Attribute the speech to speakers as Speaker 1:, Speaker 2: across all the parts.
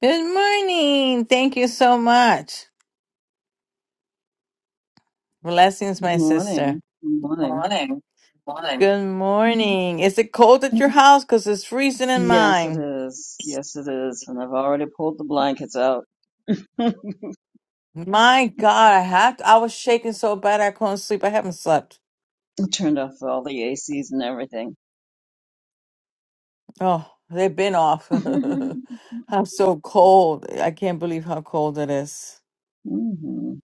Speaker 1: Good morning. Thank you so much. Blessings,
Speaker 2: Good
Speaker 1: my sister.
Speaker 2: morning. Good morning.
Speaker 1: Morning. Morning. Good
Speaker 2: Mhm.
Speaker 1: morning. Is it cold at your house? Because it's freezing in
Speaker 2: Yes, it
Speaker 1: mine.
Speaker 2: is. Yes, it is. And I've already pulled the blankets out,
Speaker 1: My God, I have to, I was shaking so bad I couldn't sleep. I haven't slept.
Speaker 2: turned off all the ACs and everything.
Speaker 1: Oh, they've been off. I'm so cold. I can't believe how cold it is.
Speaker 2: hmm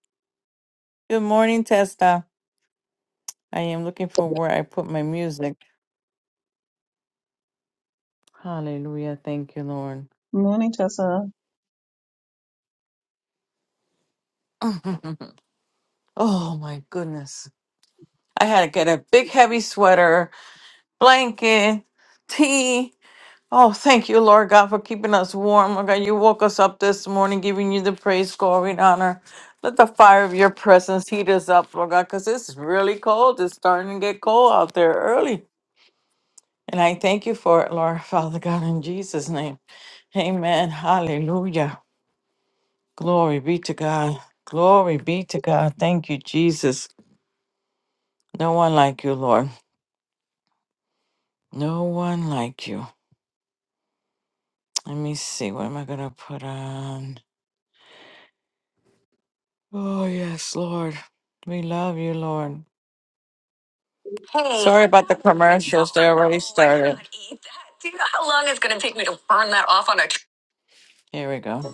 Speaker 1: Good morning, Testa. I am looking for where I put my music. Hallelujah. Thank you, Lord.
Speaker 2: Morning, Tessa.
Speaker 1: oh, my goodness. I had to get a big heavy sweater, blanket, tea. Oh, thank you, Lord God, for keeping us warm. Lord God, you woke us up this morning, giving you the praise, glory, and honor. Let the fire of your presence heat us up, Lord God, because it's really cold. It's starting to get cold out there early. And I thank you for it, Lord, Father God, in Jesus' name. Amen. Hallelujah. Glory be to God. Glory be to God. Thank you, Jesus. No one like you, Lord. No one like you. Let me see. What am I going to put on? Oh, yes, Lord. We love you, Lord. Hey. Sorry about the commercials. They already started. Do you know how long it's going to take me to burn that off on a. Here we go.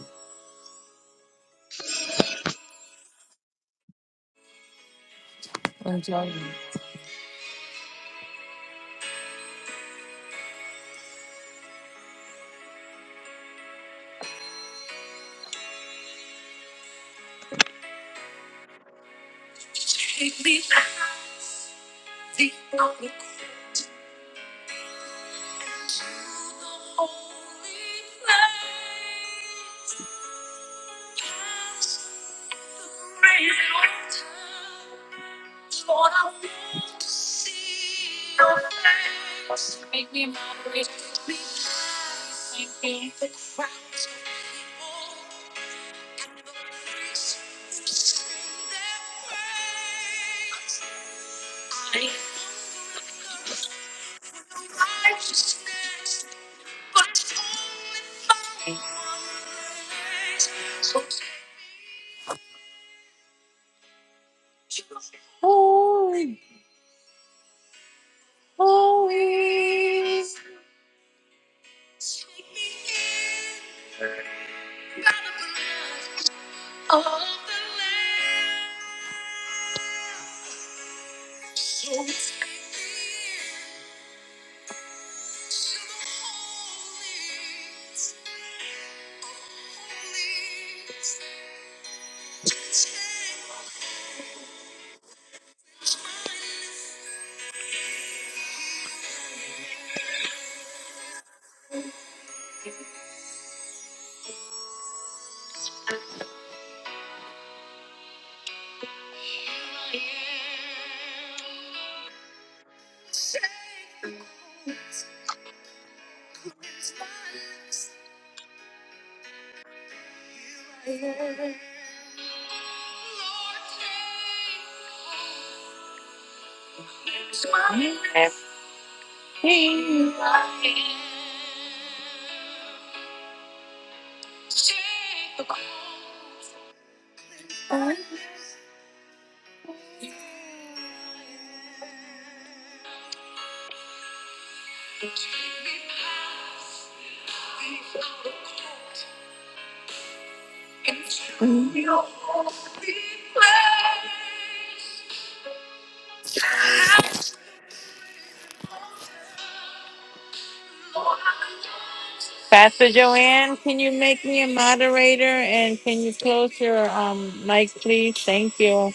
Speaker 1: Pastor Joanne, can you make me a moderator and can you close your um mic, please? Thank you.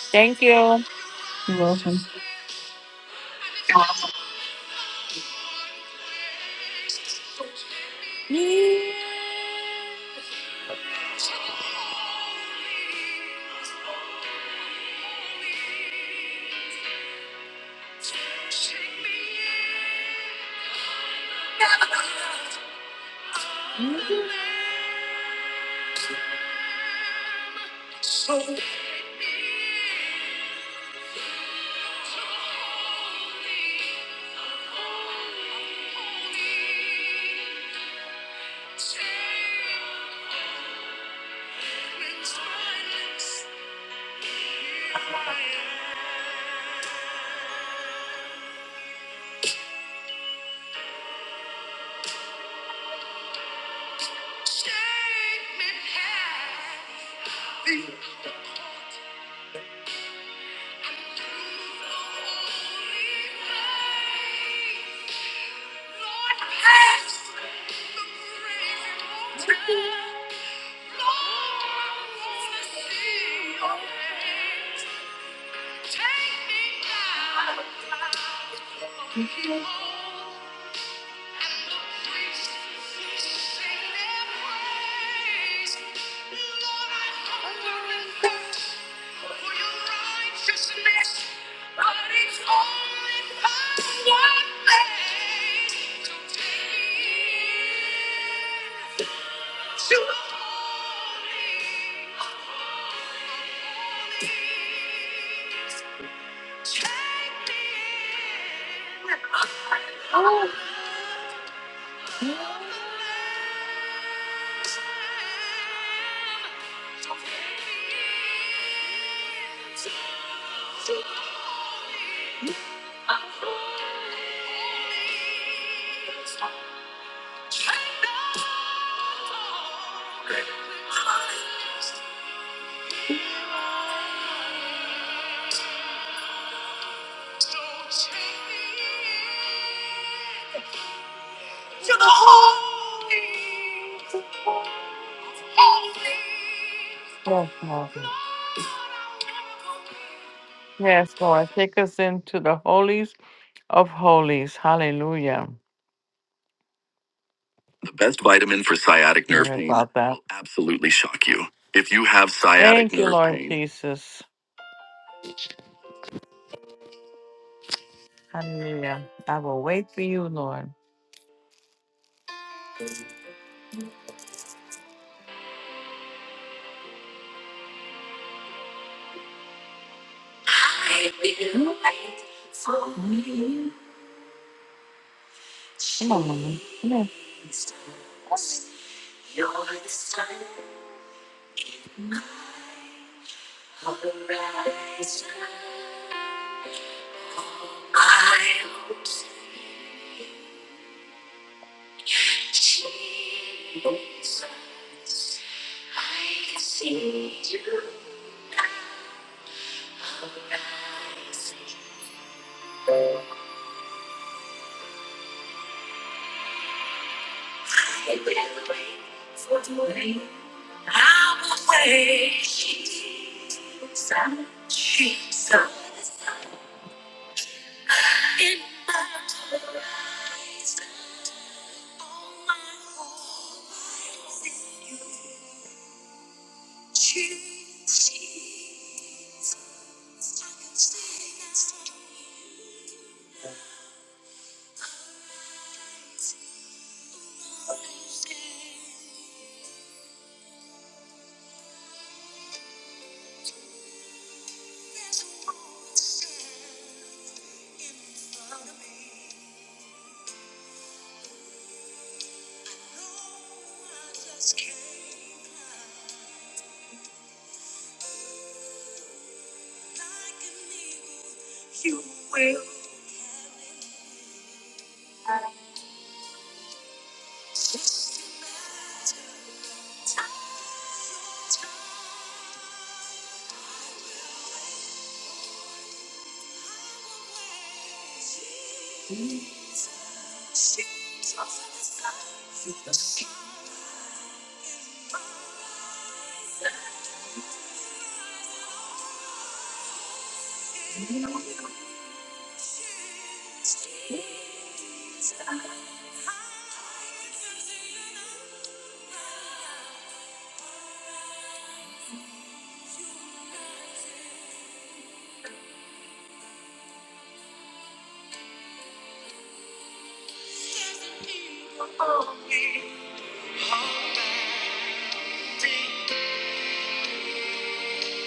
Speaker 1: Thank you.
Speaker 2: You're welcome.
Speaker 1: Yes, Lord. Yes, Lord. Take us into the holies of holies. Hallelujah. The best vitamin for sciatic nerve Sorry pain about that. will absolutely shock you. If you have sciatic Thank you, nerve Lord pain, Jesus. Hallelujah. I will wait for you, Lord.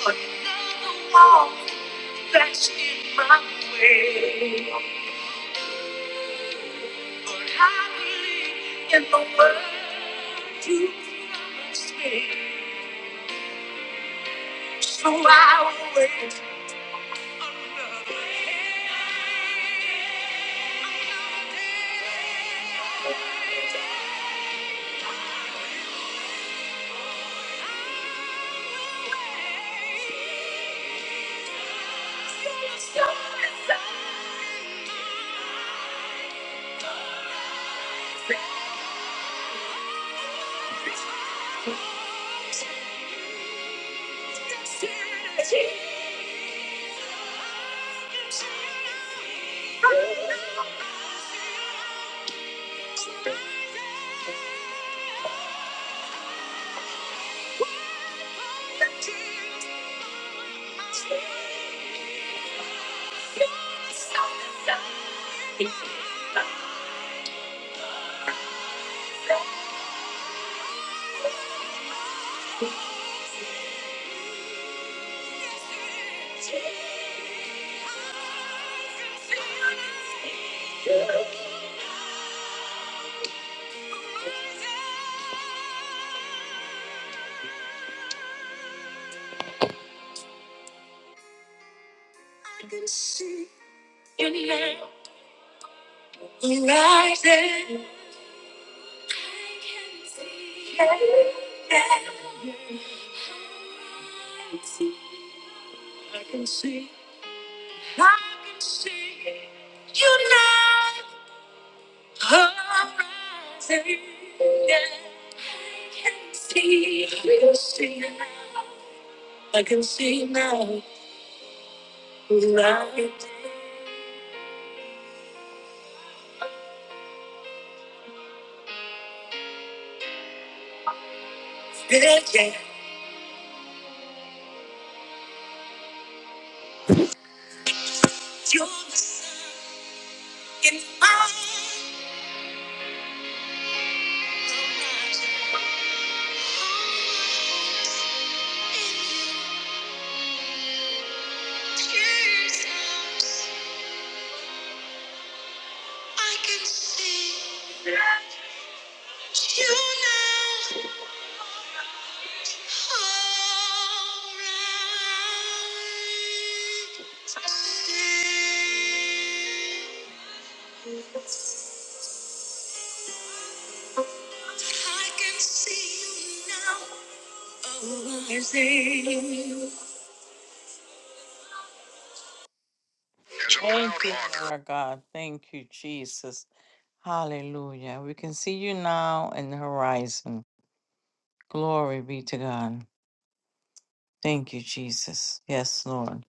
Speaker 1: Put all that's in my way. But happy in the world you fix me so I will wait. So I will wait. I can see, I can see you now. horizon. Yeah, I can see, I can see now. I can see now. Light. Yeah, yeah. You can find you now. I can see you now. Horizon. Thank you, Lord God. Thank you, Jesus. Hallelujah. We can see you now in the horizon. Glory be to God. Thank you, Jesus. Yes, Lord.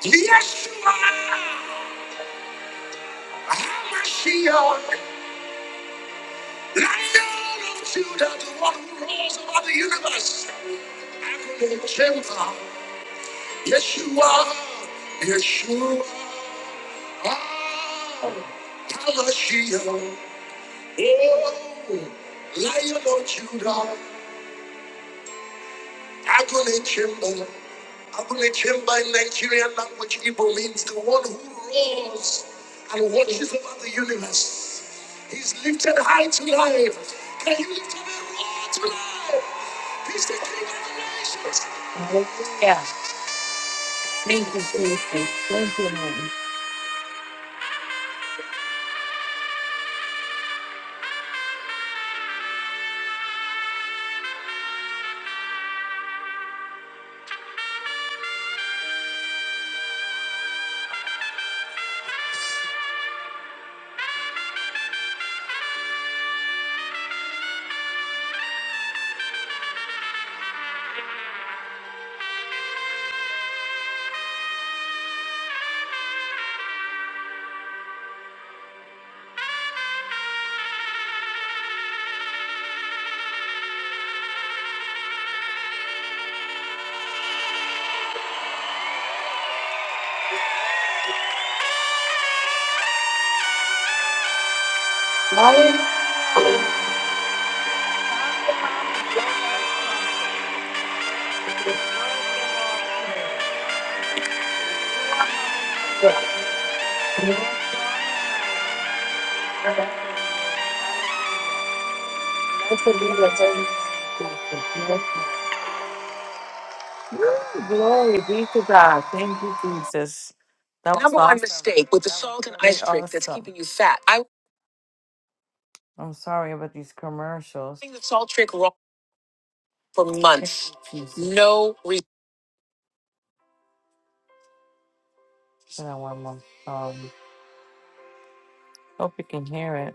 Speaker 1: Yeshua, Hamashiach, Lion of Judah, the one who rules over the universe. Adonai Jehovah, Yeshua, Yeshua, Hamashiach, oh, Lion of Judah. Agule Chimba. in Nigerian language, Igbo means the one who roars and watches over the universe. He's lifted high to life. Can you lift up a roar to life? He's the king of the nations. Glory be to God. Thank you, Jesus. That was Number one awesome. mistake with the That was salt and really ice trick that's awesome. keeping you fat. I I'm sorry about these commercials. Doing The salt trick wrong for months. Jesus. No reason. Hope you can hear it.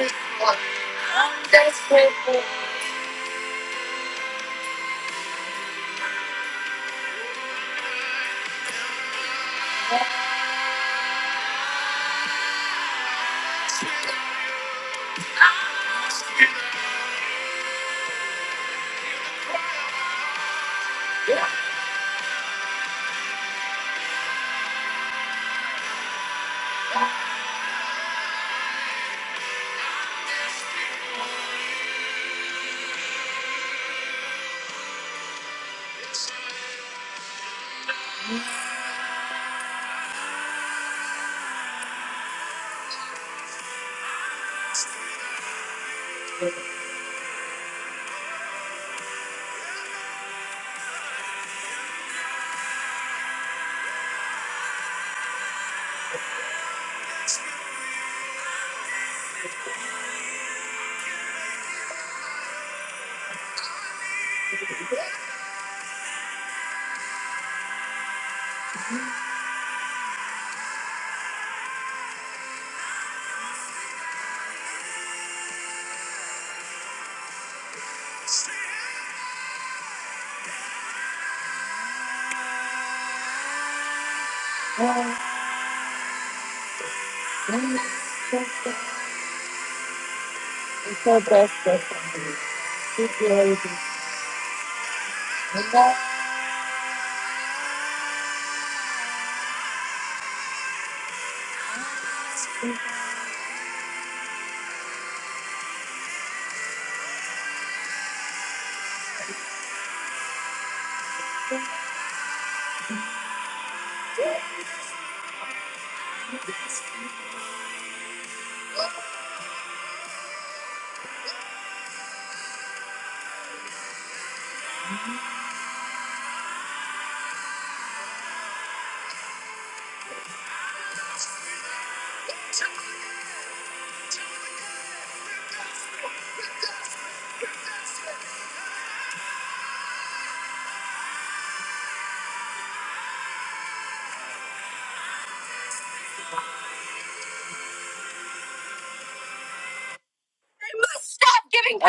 Speaker 1: Oh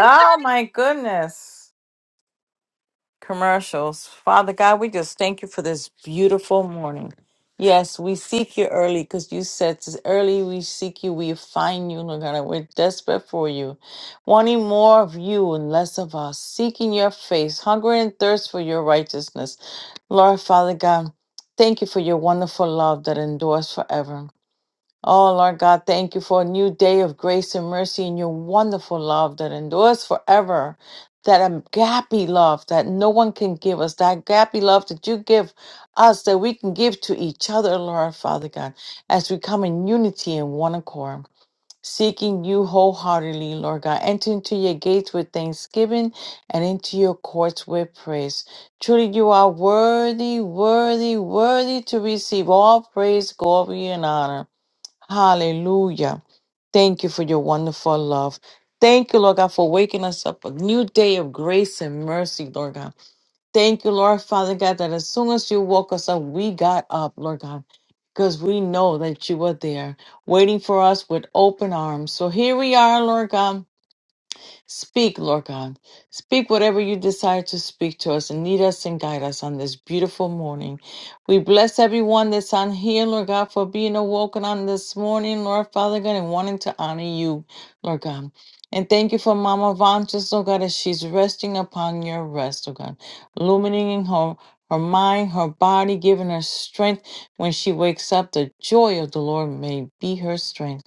Speaker 1: Yes. my goodness. Commercials. Father God, we just thank you for this beautiful morning. Yes, we seek you early because you said "As early we seek you, we find you, Lord God. We're desperate for you, wanting more of you and less of us, seeking your face, hunger and thirst for your righteousness. Lord, Father God, thank you for your wonderful love that endures forever. Oh, Lord God, thank you for a new day of grace and mercy and your wonderful love that endures forever. That agape love that no one can give us, that agape love that you give us, that we can give to each other, Lord Father God, as we come in unity and one accord, seeking you wholeheartedly, Lord God. Enter into your gates with thanksgiving and into your courts with praise. Truly, you are worthy, worthy, worthy to receive all praise, glory, and honor. Hallelujah. Thank you for your wonderful love. Thank you, Lord God, for waking us up a new day of grace and mercy, Lord God. Thank you, Lord Father God, that as soon as you woke us up, we got up, Lord God, because we know that you were there waiting for us with open arms. So here we are, Lord God Speak, Lord God. Speak whatever you decide to speak to us and lead us and guide us on this beautiful morning. We bless everyone that's on here, Lord God, for being awoken on this morning, Lord Father God, and wanting to honor you, Lord God. And thank you for Mama Von, just Lord God, as she's resting upon your rest, Lord God, illuminating her. Her mind, her body, giving her strength when she wakes up. The joy of the Lord may be her strength.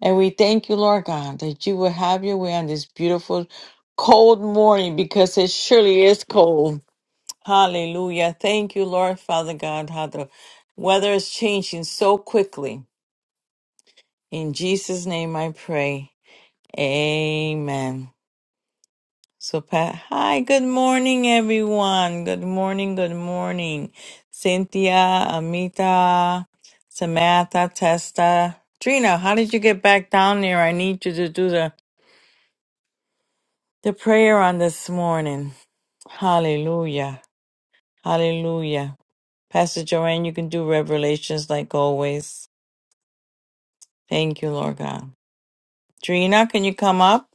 Speaker 1: And we thank you, Lord God, that you will have your way on this beautiful, cold morning because it surely is cold. Hallelujah. Thank you, Lord Father God, how the weather is changing so quickly. In Jesus' name I pray. Amen. So, Pat, hi, good morning, everyone. Good morning, good morning. Cynthia, Amita, Samantha, Testa. Trina, how did you get back down there? I need you to do the The prayer on this morning. Hallelujah. Hallelujah. Pastor Joanne, you can do revelations like always. Thank you, Lord God. Drina, can you come up?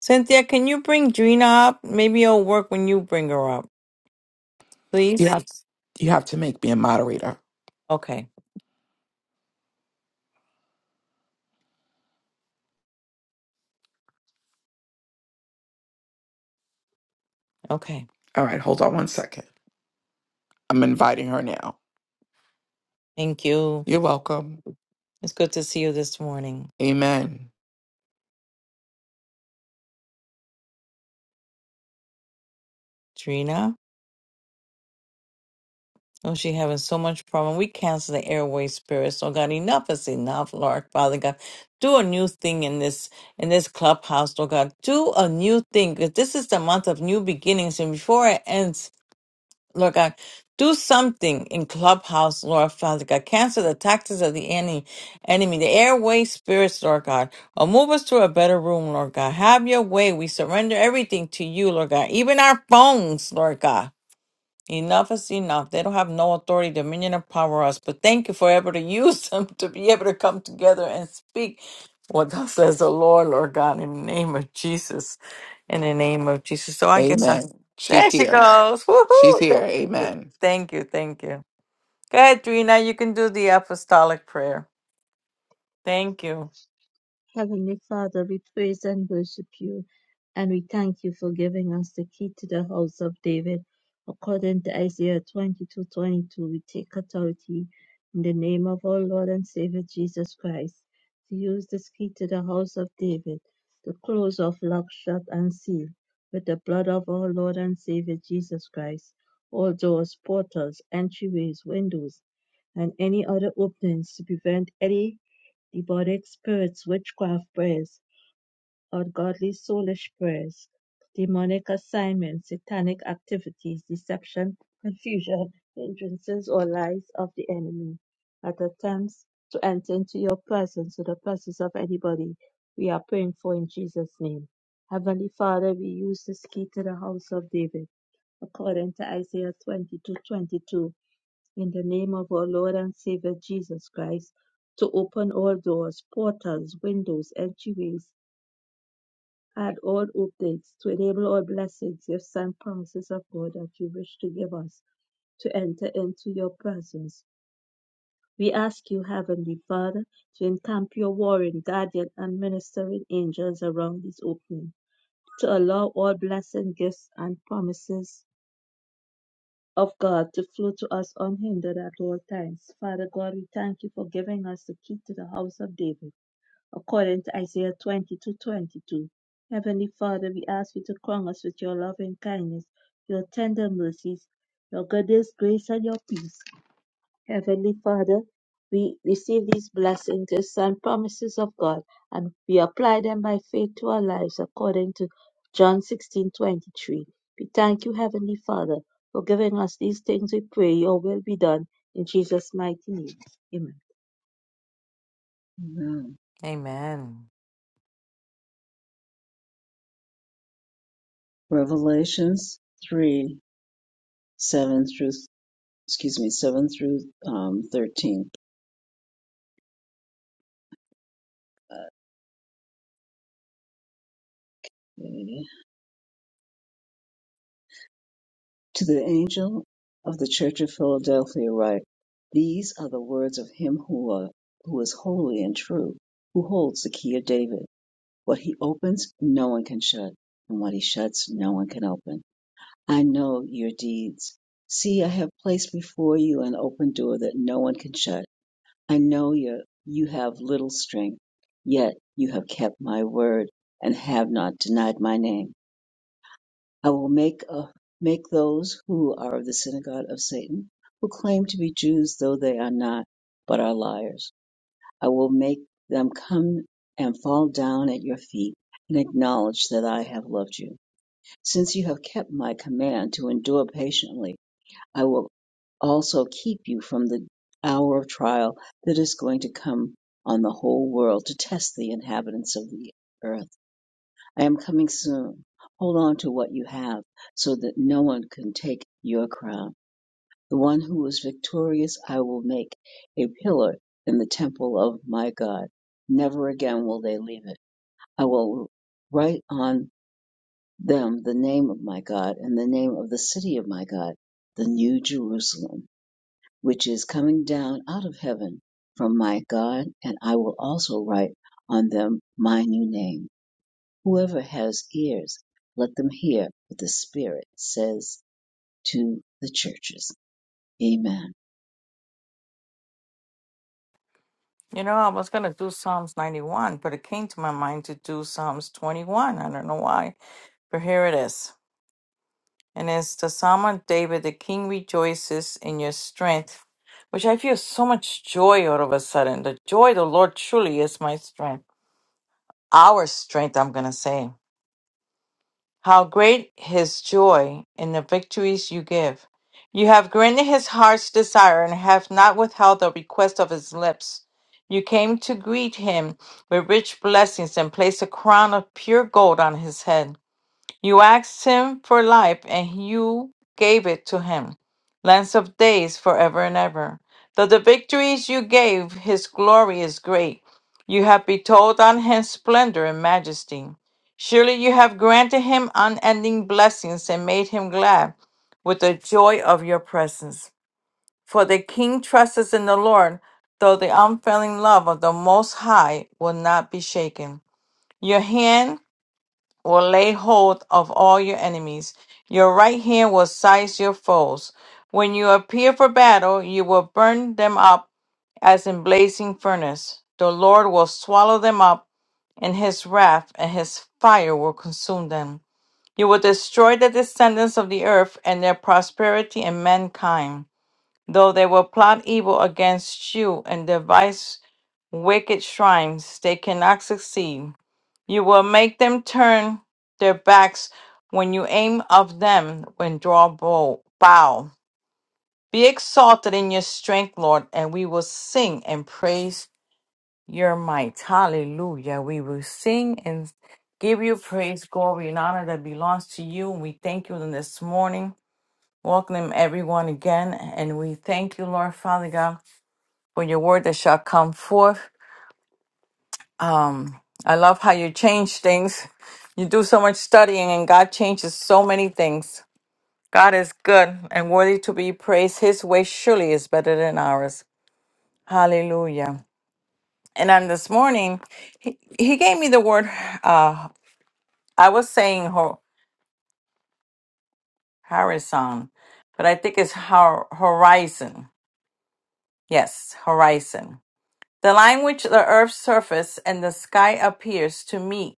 Speaker 1: Cynthia, can you bring Drina up? Maybe it'll work when you bring her up,
Speaker 3: You
Speaker 1: please.
Speaker 3: have you have to make me a moderator.
Speaker 1: Okay. Okay.
Speaker 3: All right, hold on one second. I'm inviting her now.
Speaker 1: Thank you.
Speaker 3: You're welcome.
Speaker 1: It's good to see you this morning.
Speaker 3: Amen.
Speaker 1: Drina? Oh, she having so much problem. We cancel the airway spirits. Oh God, enough is enough, Lord Father God. Do a new thing in this in this clubhouse, Lord God. Do a new thing. 'cause This is the month of new beginnings, and before it ends, Lord God, do something in clubhouse, Lord Father God. Cancel the tactics of the enemy, enemy, the airway spirits, Lord God. Or move us to a better room, Lord God. Have your way. We surrender everything to you, Lord God. Even our phones, Lord God. Enough is enough. They don't have no authority, dominion, or power over us. But thank you for able to use them to be able to come together and speak what thus says the Lord, Lord God, in the name of Jesus. In the name of Jesus. So I guess I,
Speaker 3: Amen. She's
Speaker 1: there she
Speaker 3: here.
Speaker 1: goes.
Speaker 3: She's here.
Speaker 1: Woohoo!
Speaker 3: Amen.
Speaker 1: Thank you, thank you. Go ahead, Trina. You can do the apostolic prayer. Thank you.
Speaker 4: Heavenly Father, we praise and worship you, and we thank you for giving us the key to the house of David. According to Isaiah 22 22, we take authority in the name of our Lord and Savior Jesus Christ to use this key to the house of David to close off lock, shut, and seal with the blood of our Lord and Savior Jesus Christ all doors, portals, entryways, windows, and any other openings to prevent any Demonic spirits, witchcraft prayers, ungodly soulish prayers, demonic assignments, satanic activities, deception, confusion, hindrances, or lies of the enemy that attempts to enter into your presence or the presence of anybody we are praying for in Jesus' name. Heavenly Father, we use this key to the house of David according to Isaiah 22:22 in the name of our Lord and Savior Jesus Christ to open all doors, portals, windows, entryways, and all openings to enable all blessings, gifts, and promises of God that you wish to give us to enter into your presence. We ask you, Heavenly Father, to encamp your warring, guardian, and ministering angels around this opening, to allow all blessing, gifts, and promises of God to flow to us unhindered at all times. Father God, we thank you for giving us the key to the house of David, according to Isaiah 22 22. Heavenly Father, we ask you to crown us with your loving kindness, your tender mercies, your goodness, grace, and your peace. Heavenly Father, we receive these blessings, gifts, and promises of God, and we apply them by faith to our lives according to John sixteen twenty three. We thank you, Heavenly Father, for giving us these things. We pray your will be done in Jesus' mighty name. Amen.
Speaker 2: Amen.
Speaker 1: Amen.
Speaker 2: Revelations 3, 7 through, excuse me, 7 through um, 13. To the angel of the church of Philadelphia write, These are the words of him who, are, who is holy and true, who holds the key of David. What he opens, no one can shut, and what he shuts, no one can open. I know your deeds. See, I have placed before you an open door that no one can shut. I know you. you have little strength, yet you have kept my word and have not denied my name. I will make a, make those who are of the synagogue of Satan, who claim to be Jews though they are not, but are liars. I will make them come and fall down at your feet and acknowledge that I have loved you. Since you have kept my command to endure patiently, I will also keep you from the hour of trial that is going to come on the whole world to test the inhabitants of the earth I am coming soon. Hold on to what you have so that no one can take your crown. The one who is victorious I will make a pillar in the temple of my God. Never again will they leave it. I will write on them the name of my God and the name of the city of my God, the new Jerusalem, which is coming down out of heaven from my God, and I will also write on them my new name. Whoever has ears, let them hear what the Spirit says to the churches. Amen.
Speaker 1: You know, I was gonna do Psalms 91, but it came to my mind to do Psalms 21. I don't know why, but here it is. And it's the Psalm of David, the king rejoices in your strength, which I feel so much joy all of a sudden. The joy of the Lord truly is my strength, our strength, I'm going to say. How great his joy in the victories you give. You have granted his heart's desire and have not withheld the request of his lips. You came to greet him with rich blessings and placed a crown of pure gold on his head. You asked him for life, and you gave it to him. Lance of days forever and ever. Though the victories you gave, his glory is great. You have bestowed on him splendor and majesty. Surely you have granted him unending blessings and made him glad with the joy of your presence. For the king trusts in the Lord, though the unfailing love of the Most High will not be shaken. Your hand will lay hold of all your enemies. Your right hand will seize your foes. When you appear for battle, you will burn them up as in blazing furnace. The Lord will swallow them up in his wrath, and his fire will consume them. You will destroy the descendants of the earth and their prosperity and mankind, though they will plot evil against you and devise wicked shrines. They cannot succeed you will make them turn their backs when you aim of them when draw bow. bow. Be exalted in your strength, Lord, and we will sing and praise your might. Hallelujah. We will sing and give you praise, glory, and honor that belongs to you. And we thank you this morning. Welcome everyone again. And we thank you, Lord Father God, for your word that shall come forth. Um, I love how you change things. You do so much studying, and God changes so many things. God is good and worthy to be praised. His way surely is better than ours. Hallelujah. And on this morning, he, he gave me the word, uh, I was saying ho- horizon, but I think it's hor- horizon. Yes, horizon. The line which the earth's surface and the sky appears to meet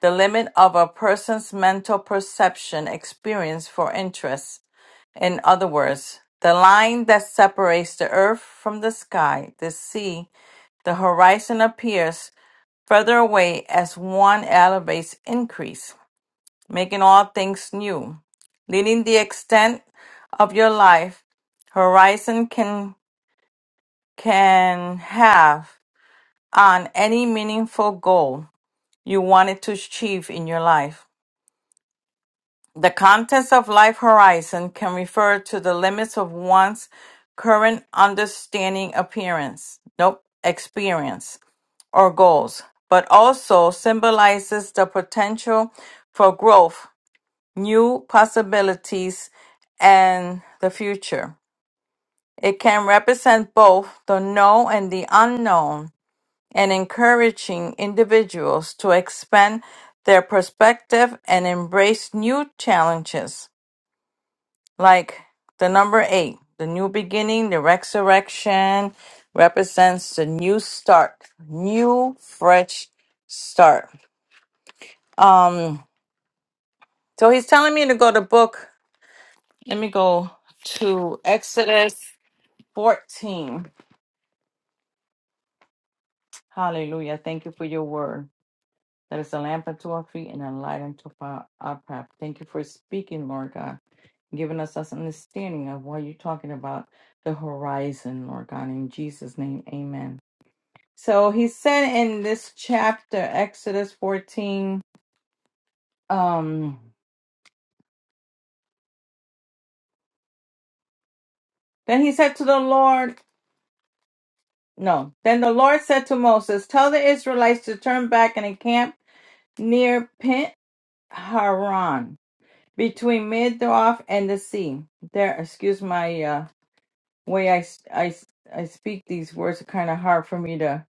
Speaker 1: the limit of a person's mental perception experience for interest. In other words, the line that separates the earth from the sky, the sea, the horizon appears further away as one elevates increase, making all things new. Leading the extent of your life, horizon can can have on any meaningful goal you wanted to achieve in your life. The contents of life horizon can refer to the limits of one's current understanding, appearance, nope, experience, or goals, but also symbolizes the potential for growth, new possibilities, and the future. It can represent both the known and the unknown and encouraging individuals to expand their perspective and embrace new challenges. Like the number eight, the new beginning, the resurrection represents the new start, new fresh start. Um, so he's telling me to go to book. Let me go to Exodus 14. Hallelujah. Thank you for your word. That is a lamp unto our feet and a light unto our our path. Thank you for speaking, Lord God giving us us understanding of what you're talking about the horizon, Lord God. In Jesus' name, amen. So he said in this chapter, Exodus 14, um, then he said to the Lord, no, then the Lord said to Moses, Tell the Israelites to turn camp near Haran, between Midoff and the sea. There, excuse my uh, way I, s- I, s- I speak these words, are kind of hard for me to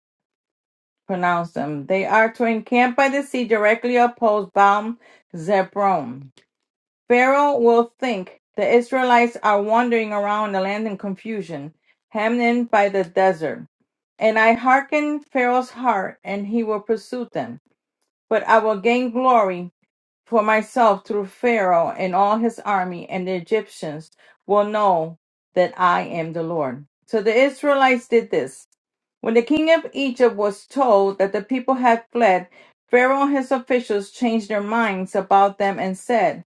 Speaker 1: pronounce them. They are to encamp by the sea directly opposed Baum Zebron. Will think Israelites are wandering around the land of Goshen by the desert. And I hearken Pharaoh's heart, and he will pursue them. But I will gain glory for myself through Pharaoh and all his army, and the Egyptians will know that I am the Lord. So the Israelites did this. When the king of Egypt was told that the people had fled, Pharaoh and his officials changed their minds about them and said,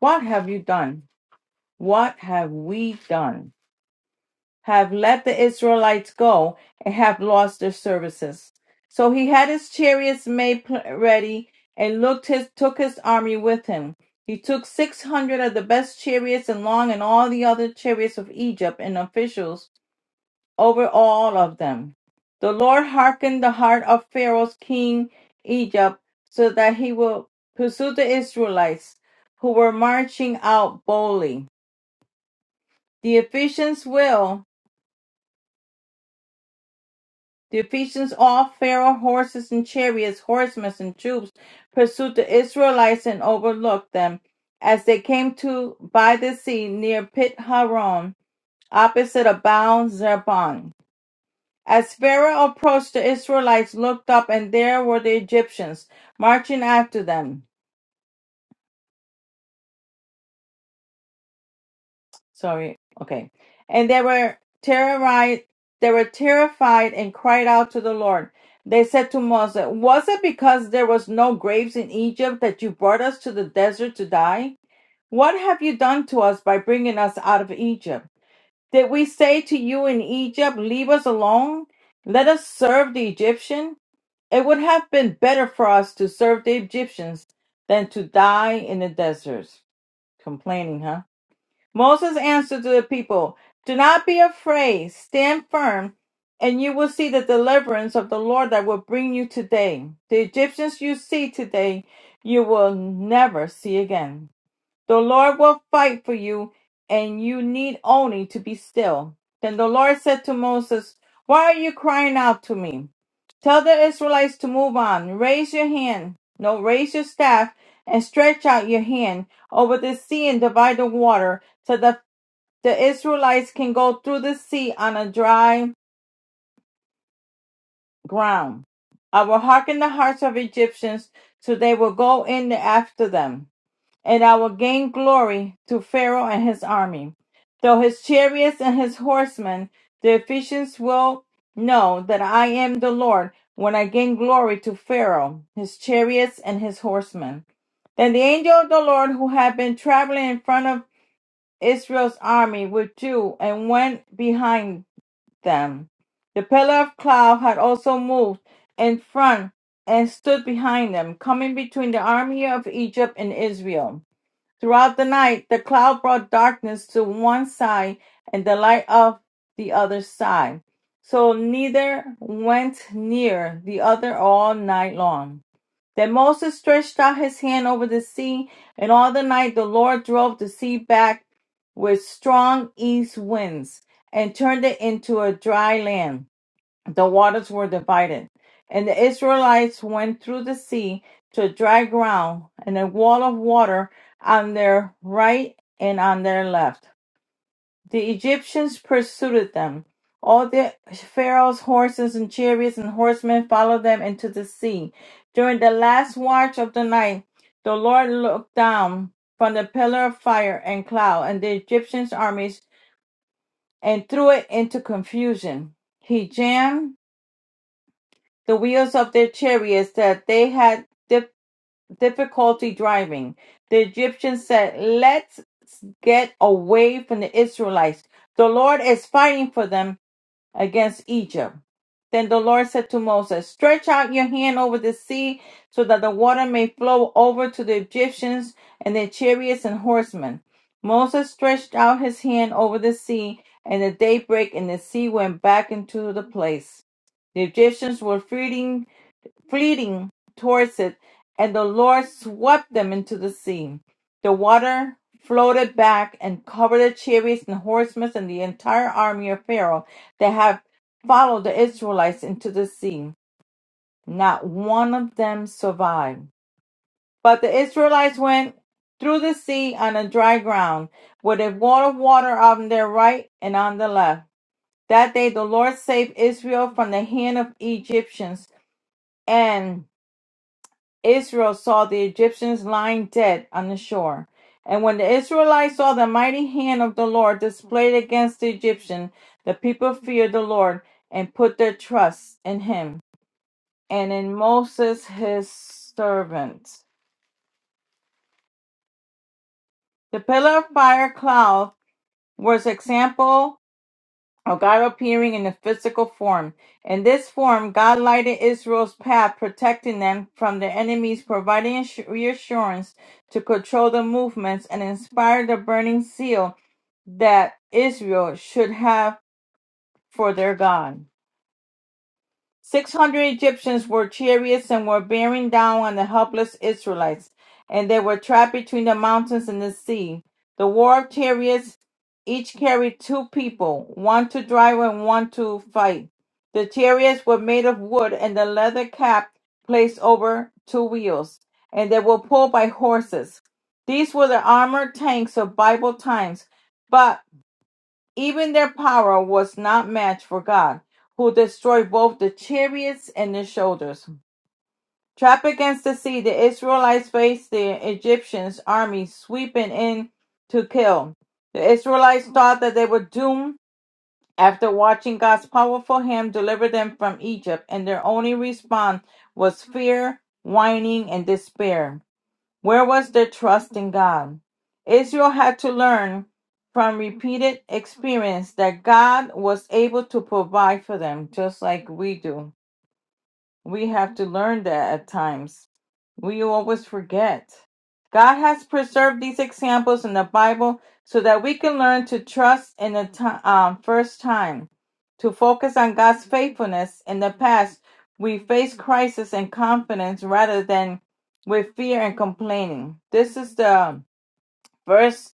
Speaker 1: What have you done? What have we done? have let the Israelites go and have lost their services. So he had his chariots made pl- ready and looked his, took his army with him. He took 600 of the best chariots and long and all the other chariots of Egypt and officials over all of them. The Lord hearkened the heart of Pharaoh's king Egypt so that he will pursue the Israelites who were marching out boldly. The Ephesians will. The Ephesians all Pharaoh horses and chariots, horsemen and troops pursued the Israelites and overlooked them. As they came to by the sea near Pit Haron, opposite of Baal Zebon. As Pharaoh approached, the Israelites looked up, and there were the Egyptians marching after them. sorry, okay. And they were terrorized, they were terrified and cried out to the Lord. They said to Moses, Was it because there was no graves in Egypt that you brought us to the desert to die? What have you done to us by bringing us out of Egypt? Did we say to you in Egypt, 'Leave us alone? Let us serve the Egyptian? It would have been better for us to serve the Egyptians than to die in the deserts. Complaining, huh? Moses answered to the people, Do not be afraid, stand firm, and you will see the deliverance of the Lord that will bring you today. The Egyptians you see today, you will never see again. The Lord will fight for you, and you need only to be still. Then the Lord said to Moses, Why are you crying out to me? Tell the Israelites to move on. Raise your hand, no, raise your staff, and stretch out your hand over the sea and divide the water, so that the Israelites can go through the sea on a dry ground. I will hearken the hearts of Egyptians, so they will go in after them and I will gain glory to Pharaoh and his army. Though his chariots and his horsemen, the Ephesians will know that I am the Lord when I gain glory to Pharaoh, his chariots and his horsemen. Then the angel of the Lord who had been traveling in front of Israel's army withdrew and went behind them. The pillar of cloud had also moved in front and stood behind them, coming between the army of Egypt and Israel. Throughout the night, the cloud brought darkness to one side and the light of the other side. So neither went near the other all night long. Then Moses stretched out his hand over the sea, and all the night the Lord drove the sea back with strong east winds and turned it into a dry land the waters were divided, and the Israelites went through the sea to dry ground, and a wall of water on their right and on their left. The Egyptians pursued them. All the Pharaoh's horses and chariots and horsemen followed them into the sea. During the last watch of the night, the Lord looked down from the pillar of fire and cloud and the Egyptians' armies and threw it into confusion. He jammed the wheels of their chariots that they had dif- difficulty driving. The Egyptians said, Let's get away from the Israelites. The Lord is fighting for them against Egypt. Then the Lord said to Moses, Stretch out your hand over the sea so that the water may flow over to the Egyptians and their chariots and horsemen. Moses stretched out his hand over the sea, and at daybreak and the sea went back into the place. The Egyptians were fleeing fleeting towards it, and the Lord swept them into the sea. The water floated back and covered the chariots and horsemen and the entire army of Pharaoh that had followed the Israelites into the sea. Not one of them survived. But the Israelites went through the sea on a dry ground, with a wall of water on their right and on the left. That day the Lord saved Israel from the hand of Egyptians, and Israel saw the Egyptians lying dead on the shore. And when the Israelites saw the mighty hand of the Lord displayed against the Egyptian, the people feared the Lord and put their trust in him and in Moses his servant. The pillar of fire cloud was example of God appearing in a physical form. In this form, God lighted Israel's path, protecting them from their enemies, providing assu- reassurance to control the movements, and inspired the burning zeal that Israel should have for their God. Six hundred Egyptians were chariots and were bearing down on the helpless Israelites, and they were trapped between the mountains and the sea. The war of chariots each carried two people, one to drive and one to fight. The chariots were made of wood and the leather cap placed over two wheels, and they were pulled by horses. These were the armored tanks of Bible times, but. Even their power was not matched for God, who destroyed both the chariots and the shoulders. Trapped against the sea, the Israelites faced the Egyptians' army sweeping in to kill. The Israelites thought that they were doomed after watching God's powerful hand deliver them from Egypt, and their only response was fear, whining, and despair. Where was their trust in God? Israel had to learn from repeated experience that God was able to provide for them, just like we do. We have to learn that at times. We always forget. God has preserved these examples in the Bible so that we can learn to trust in the ti- um, first time, to focus on God's faithfulness. In the past, we face crisis and confidence rather than with fear and complaining. This is the first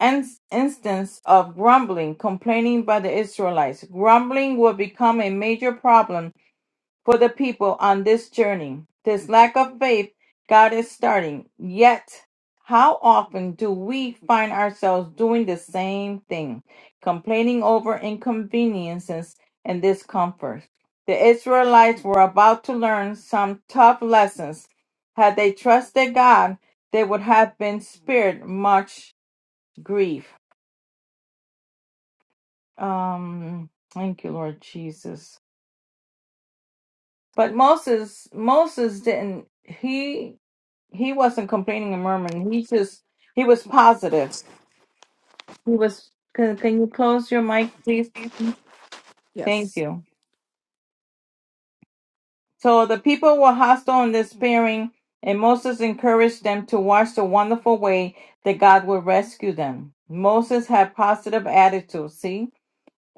Speaker 1: in- instance of grumbling, complaining by the Israelites. Grumbling will become a major problem for the people on this journey. This lack of faith God is starting. Yet, how often do we find ourselves doing the same thing, complaining over inconveniences and discomforts? The Israelites were about to learn some tough lessons. Had they trusted God, they would have been spared much grief. Um, thank you, Lord Jesus. But Moses, Moses didn't. He he wasn't complaining and murmuring. He just he was positive. He was. Can, can you close your mic, please? Thank
Speaker 3: Yes.
Speaker 1: you. So the people were hostile and despairing, and Moses encouraged them to watch the wonderful way that God would rescue them. Moses had positive attitude. See.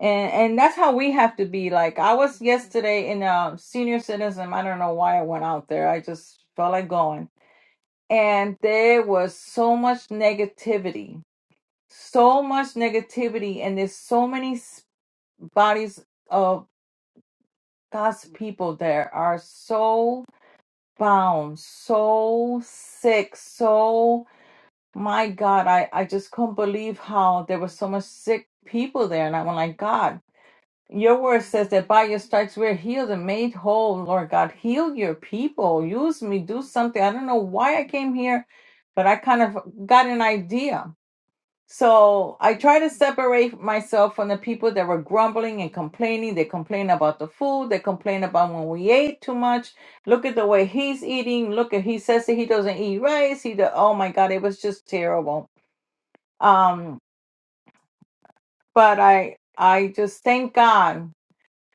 Speaker 1: And, and that's how we have to be. Like I was yesterday in a senior citizen. I don't know why I went out there. I just felt like going. And there was so much negativity so much negativity and there's so many s- bodies of God's people that are so bound, so sick, so my God, I, I just couldn't believe how there was so much sick people there. And I went like, God, your word says that by your stripes we're healed and made whole. Lord God, heal your people. Use me. Do something. I don't know why I came here, but I kind of got an idea So I try to separate myself from the people that were grumbling and complaining. They complain about the food. They complain about when we ate too much. Look at the way he's eating. Look at he says that he doesn't eat rice. He do, oh my God, it was just terrible. Um, but I I just thank God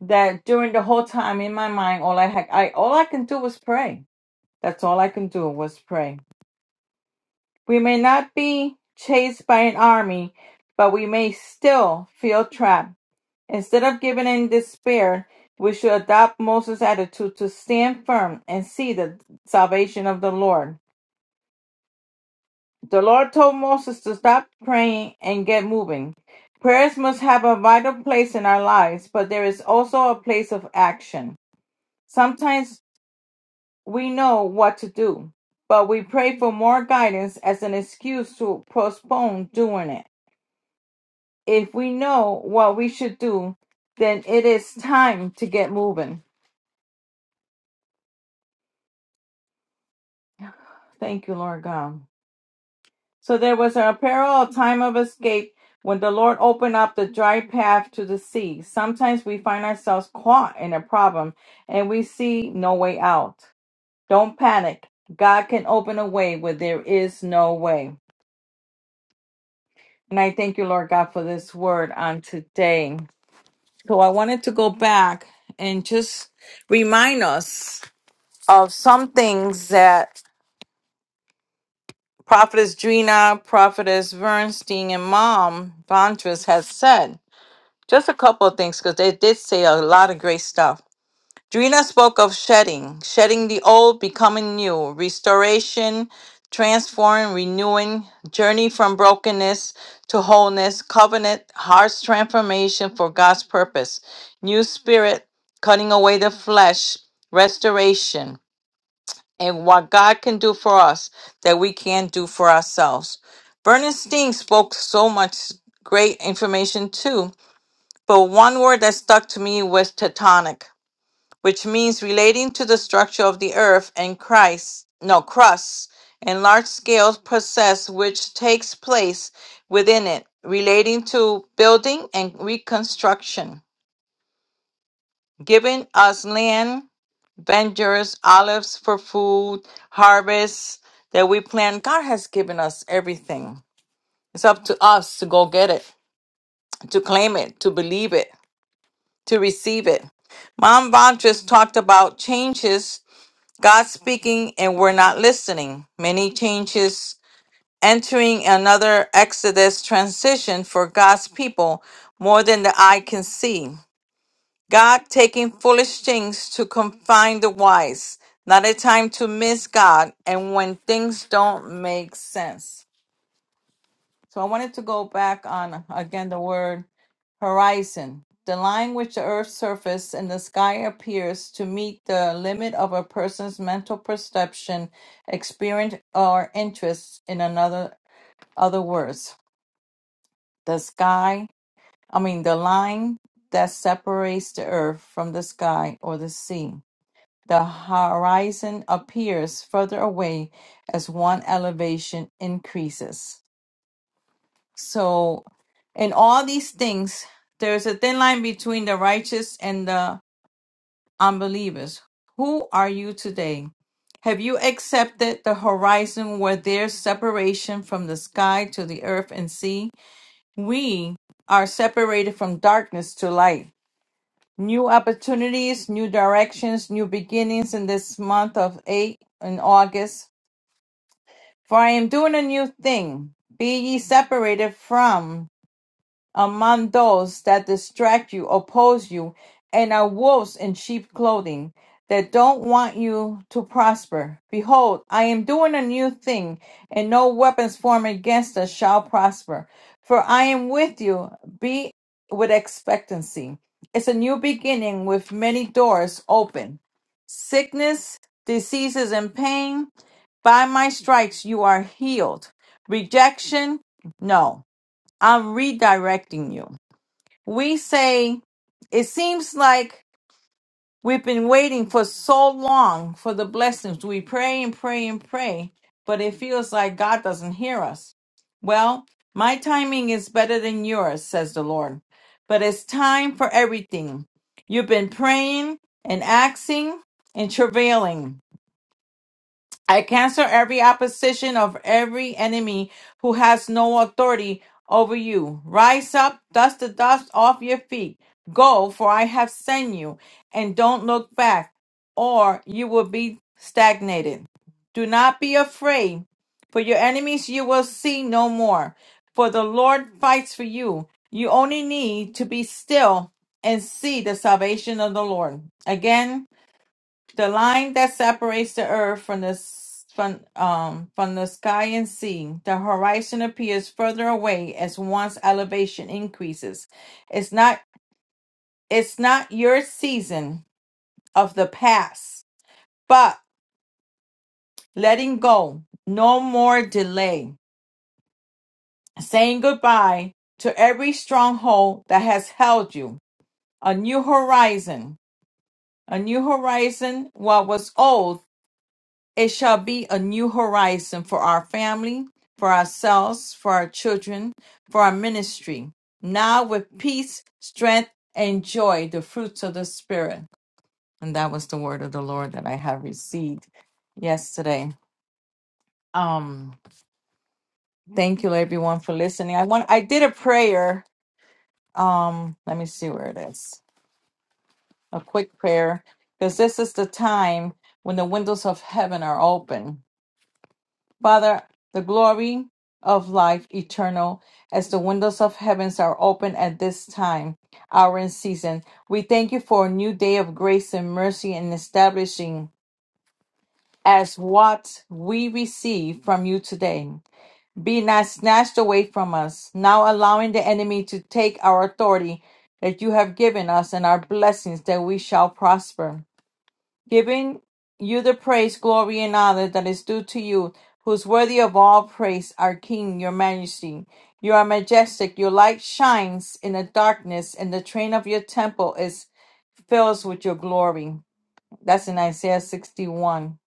Speaker 1: that during the whole time in my mind, all I had, I all I can do was pray. That's all I can do was pray. We may not be chased by an army, but we may still feel trapped Instead of giving in despair, we should adopt Moses' attitude to stand firm and see the salvation of the Lord. The Lord told Moses to stop praying and get moving. Prayers must have a vital place in our lives, but there is also a place of action. Sometimes we know what to do, but we pray for more guidance as an excuse to postpone doing it. If we know what we should do, then it is time to get moving. Thank you, Lord God. So there was a peril, a time of escape when the Lord opened up the dry path to the sea. Sometimes we find ourselves caught in a problem and we see no way out. Don't panic. God can open a way where there is no way. And I thank you, Lord God, for this word on today. So I wanted to go back and just remind us of some things that. Prophetess Drina, Prophetess Bernstein, and Mom Vantras has said. Just a couple of things because they did say a lot of great stuff. Drina spoke of shedding, shedding the old, becoming new, restoration, transforming, renewing, journey from brokenness to wholeness, covenant, heart's transformation for God's purpose, new spirit, cutting away the flesh, restoration and what God can do for us that we can't do for ourselves. Bernstein spoke so much great information too, but one word that stuck to me was tectonic, which means relating to the structure of the earth and Christ, no, crust and large scale process which takes place within it, relating to building and reconstruction, giving us land ventures, olives for food, harvests that we plant. God has given us everything. It's up to us to go get it, to claim it, to believe it, to receive it. Mom Vantress talked about changes, God speaking, and we're not listening. Many changes entering another Exodus transition for God's people more than the eye can see. God taking foolish things to confine the wise. Not a time to miss God and when things don't make sense. So I wanted to go back on again the word horizon. The line which the earth's surface and the sky appears to meet the limit of a person's mental perception, experience, or interest in another other words. The sky, I mean the line that separates the earth from the sky or the sea The horizon appears further away as one elevation increases. So, in all these things, there's a thin line between the righteous and the unbelievers. Who are you today? Have you accepted the horizon where there's separation from the sky to the earth and sea? We are separated from darkness to light. New opportunities, new directions, new beginnings in this month of 8 in August. For I am doing a new thing. Be ye separated from among those that distract you, oppose you, and are wolves in sheep clothing, that don't want you to prosper. Behold, I am doing a new thing, and no weapons formed against us shall prosper. For I am with you, be with expectancy. It's a new beginning with many doors open. Sickness, diseases, and pain by my stripes, you are healed. Rejection, no, I'm redirecting you. We say, it seems like we've been waiting for so long for the blessings. We pray and pray and pray, but it feels like God doesn't hear us. Well, my timing is better than yours, says the Lord. But it's time for everything. You've been praying and asking and travailing. I cancel every opposition of every enemy who has no authority over you. Rise up, dust the dust off your feet. Go, for I have sent you, and don't look back, or you will be stagnated. Do not be afraid, for your enemies you will see no more. For the Lord fights for you. You only need to be still and see the salvation of the Lord. Again, the line that separates the earth from the s- from um from the sky and sea, the horizon appears further away as one's elevation increases. It's not it's not your season of the past, but letting go, no more delay, saying goodbye to every stronghold that has held you. A new horizon, a new horizon. What was old It shall be a new horizon for our family, for ourselves, for our children, for our ministry. Now with peace, strength, and joy, the fruits of the Spirit. And that was the word of the Lord that I have received yesterday. Um, thank you everyone for listening. I want I did a prayer. Um, let me see where it is. A quick prayer. Because this is the time when the windows of heaven are open Father, the glory of life eternal, as the windows of heavens are open at this time, hour and season. We thank you for a new day of grace and mercy and establishing as what we receive from you today. Be not snatched away from us, now allowing the enemy to take our authority that you have given us and our blessings that we shall prosper giving you the praise, glory, and honor that is due to you, who's worthy of all praise, our King, your majesty. You are majestic, your light shines in the darkness, and the train of your temple is fills with your glory. That's in Isaiah 61.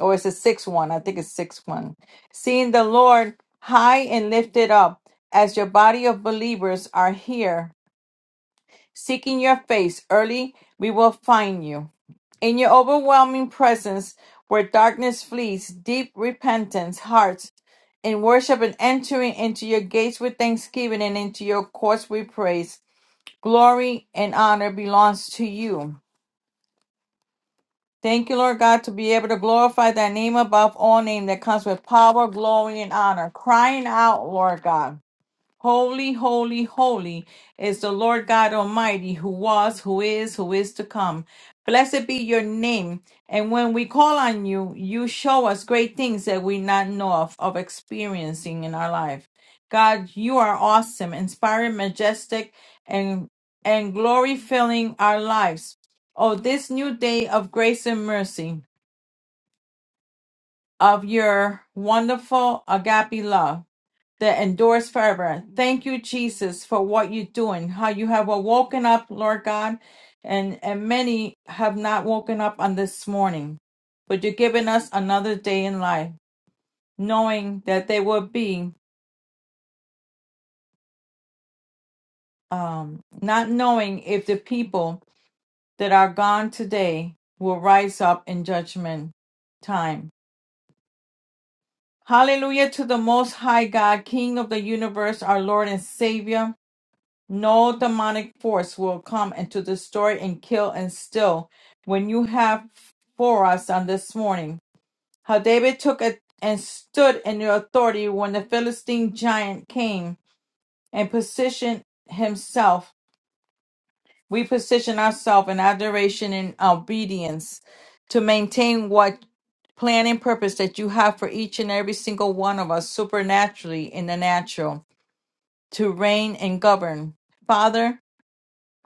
Speaker 1: Or it's a 6 1. I think it's 6 1. Seeing the Lord high and lifted up, as your body of believers are here Seeking your face early, we will find you. In your overwhelming presence, where darkness flees, deep repentance, hearts in worship, and entering into your gates with thanksgiving and into your courts with praise. Glory and honor belongs to you. Thank you, Lord God, to be able to glorify thy name above all name that comes with power, glory, and honor. Crying out, Lord God. Holy, holy, holy is the Lord God Almighty, who was, who is, who is to come. Blessed be your name. And when we call on you, you show us great things that we not know of, of experiencing in our life. God, you are awesome, inspiring, majestic, and and glory filling our lives. Oh, this new day of grace and mercy, of your wonderful agape love that endures forever. Thank you, Jesus, for what you're doing, how you have woken up, Lord God, and, and many have not woken up on this morning, but you're giving us another day in life, knowing that they will be, um, not knowing if the people that are gone today will rise up in judgment time. Hallelujah to the Most High God, King of the universe, our Lord and Savior. No demonic force will come into the story and kill and steal when you have for us on this morning. How David took it and stood in the authority when the Philistine giant came and positioned himself. We position ourselves in adoration and obedience to maintain what plan and purpose that you have for each and every single one of us supernaturally in the natural to reign and govern. Father,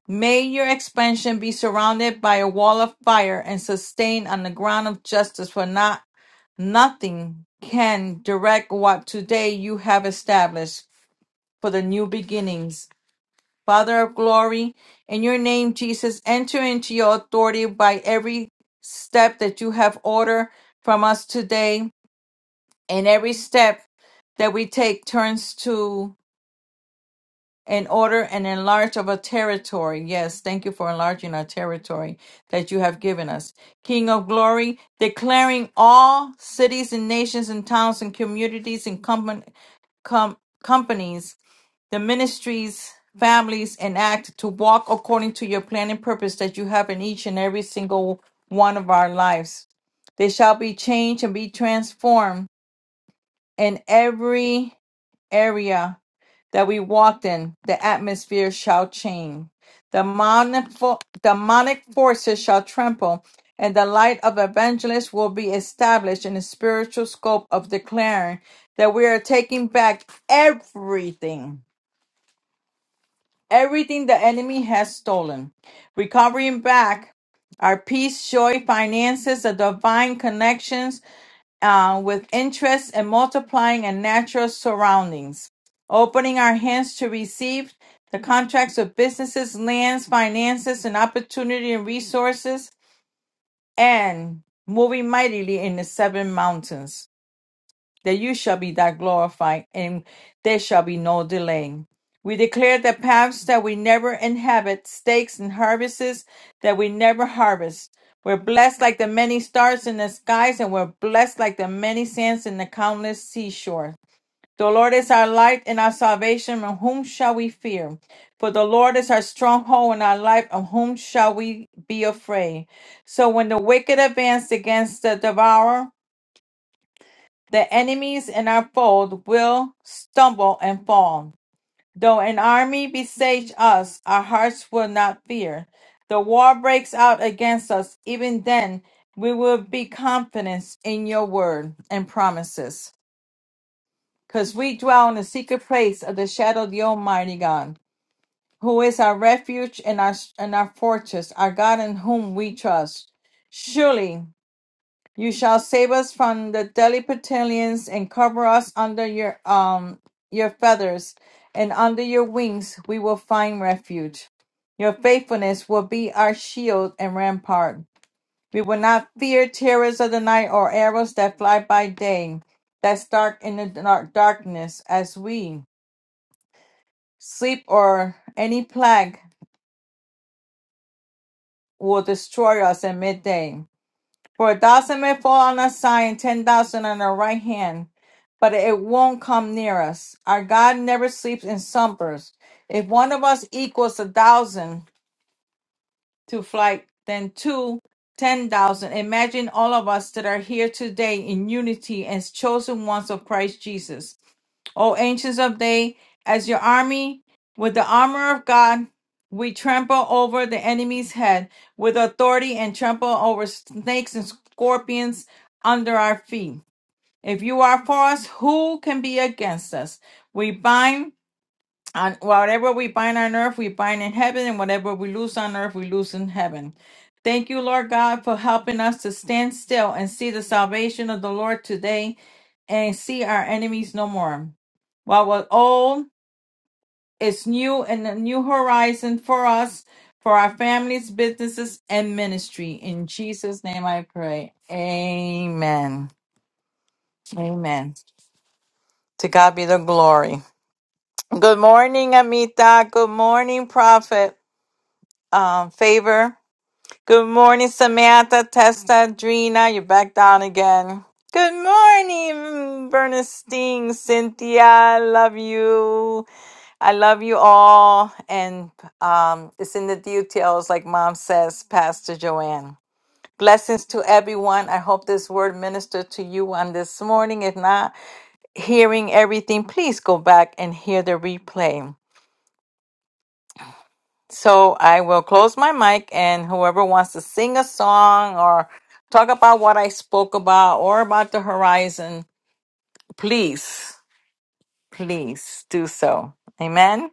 Speaker 1: May your expansion be surrounded by a wall of fire and sustained on the ground of justice, for not nothing can direct what today you have established for the new beginnings. Father of glory, in your name, Jesus, enter into your authority by every step that you have ordered from us today, and every step that we take turns to. An order and enlarge of a territory. Yes, thank you for enlarging our territory that you have given us. King of glory, declaring all cities and nations and towns and communities and com- com- companies, the ministries, families, and act to walk according to your plan and purpose that you have in each and every single one of our lives. They shall be changed and be transformed in every area that we walked in, the atmosphere shall change. Demonic, fo- demonic forces shall tremble, and the light of evangelists will be established in the spiritual scope of declaring that we are taking back everything, everything the enemy has stolen, recovering back our peace, joy, finances, the divine connections uh, with interest in multiplying and natural surroundings, opening our hands to receive the contracts of businesses, lands, finances, and opportunity and resources, and moving mightily in the seven mountains that you shall be that glorified, and there shall be no delay. We declare the paths that we never inhabit, stakes and harvests that we never harvest. We're blessed like the many stars in the skies, and we're blessed like the many sands in the countless seashore. The Lord is our light and our salvation, and whom shall we fear? For the Lord is our stronghold and our life, of whom shall we be afraid? So when the wicked advanced against the devourer, the enemies in our fold will stumble and fall. Though an army besiege us, our hearts will not fear. The war breaks out against us, even then we will be confident in your word and promises. Because we dwell in the secret place of the shadow of the Almighty God, who is our refuge and our, and our fortress, our God in whom we trust. Surely you shall save us from the Pelitalians and cover us under your um your feathers, and under your wings we will find refuge. Your faithfulness will be our shield and rampart. We will not fear terrors of the night or arrows that fly by day, that stalk in the dark darkness as we sleep, or any plague will destroy us at midday. For a thousand may fall on our side and ten thousand on our right hand, but it won't come near us. Our God never sleeps and slumbers. If one of us equals a thousand to flight, then two, ten thousand. Imagine all of us that are here today in unity as chosen ones of Christ Jesus. O ancients of day, as your army with the armor of God, we trample over the enemy's head with authority and trample over snakes and scorpions under our feet. If you are for us, who can be against us? We bind on whatever we bind on earth, we bind in heaven, and whatever we loose on earth, we loose in heaven. Thank you, Lord God, for helping us to stand still and see the salvation of the Lord today and see our enemies no more. What was old it's new and a new horizon for us, for our families, businesses, and ministry. In Jesus' name I pray. Amen. Amen. To God be the glory. Good morning, Amita. Good morning, Prophet um, Favor. Good morning, Samantha, Testa, Drina. You're back down again. Good morning, Bernstein, Cynthia. I Love you. I love you all. And um, it's in the details, like mom says, Pastor Joanne. Blessings to everyone. I hope this word ministered to you on this morning. If not, hearing everything, please go back and hear the replay. So I will close my mic, and whoever wants to sing a song or talk about what I spoke about or about the horizon, please, please do so. Amen.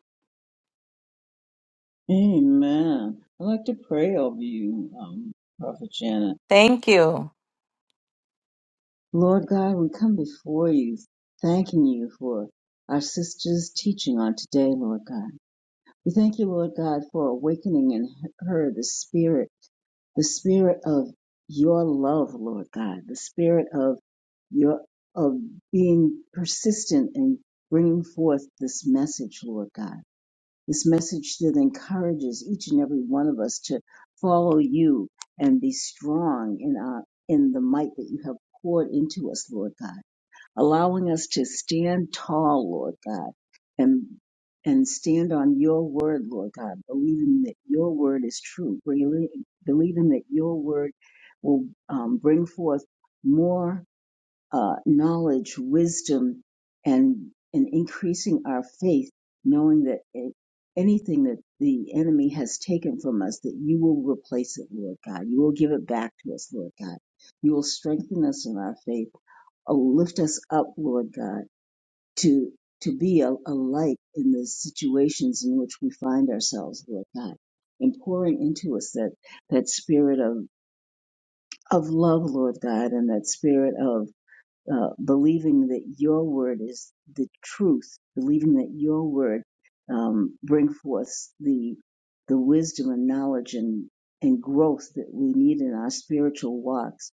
Speaker 2: Amen. I'd like to pray over you, um, Prophet Janet.
Speaker 1: Thank you.
Speaker 2: Lord God, we come before you, thanking you for our sister's teaching on today, Lord God. We thank you, Lord God, for awakening in her the spirit, the spirit of your love, Lord God, the spirit of your of being persistent and bringing forth this message, Lord God. This message that encourages each and every one of us to follow you and be strong in our in the might that you have poured into us, Lord God allowing us to stand tall, Lord God, and and stand on your word, Lord God, believing that your word is true, really believing that your word will um, bring forth more uh, knowledge, wisdom, and and increasing our faith, knowing that it, anything that the enemy has taken from us, that you will replace it, Lord God. You will give it back to us, Lord God. You will strengthen us in our faith Oh, lift us up, Lord God, to to be a, a light in the situations in which we find ourselves, Lord God, and pouring into us that that spirit of of love, Lord God, and that spirit of uh, believing that Your word is the truth, believing that Your word um, bring forth the the wisdom and knowledge and and growth that we need in our spiritual walks,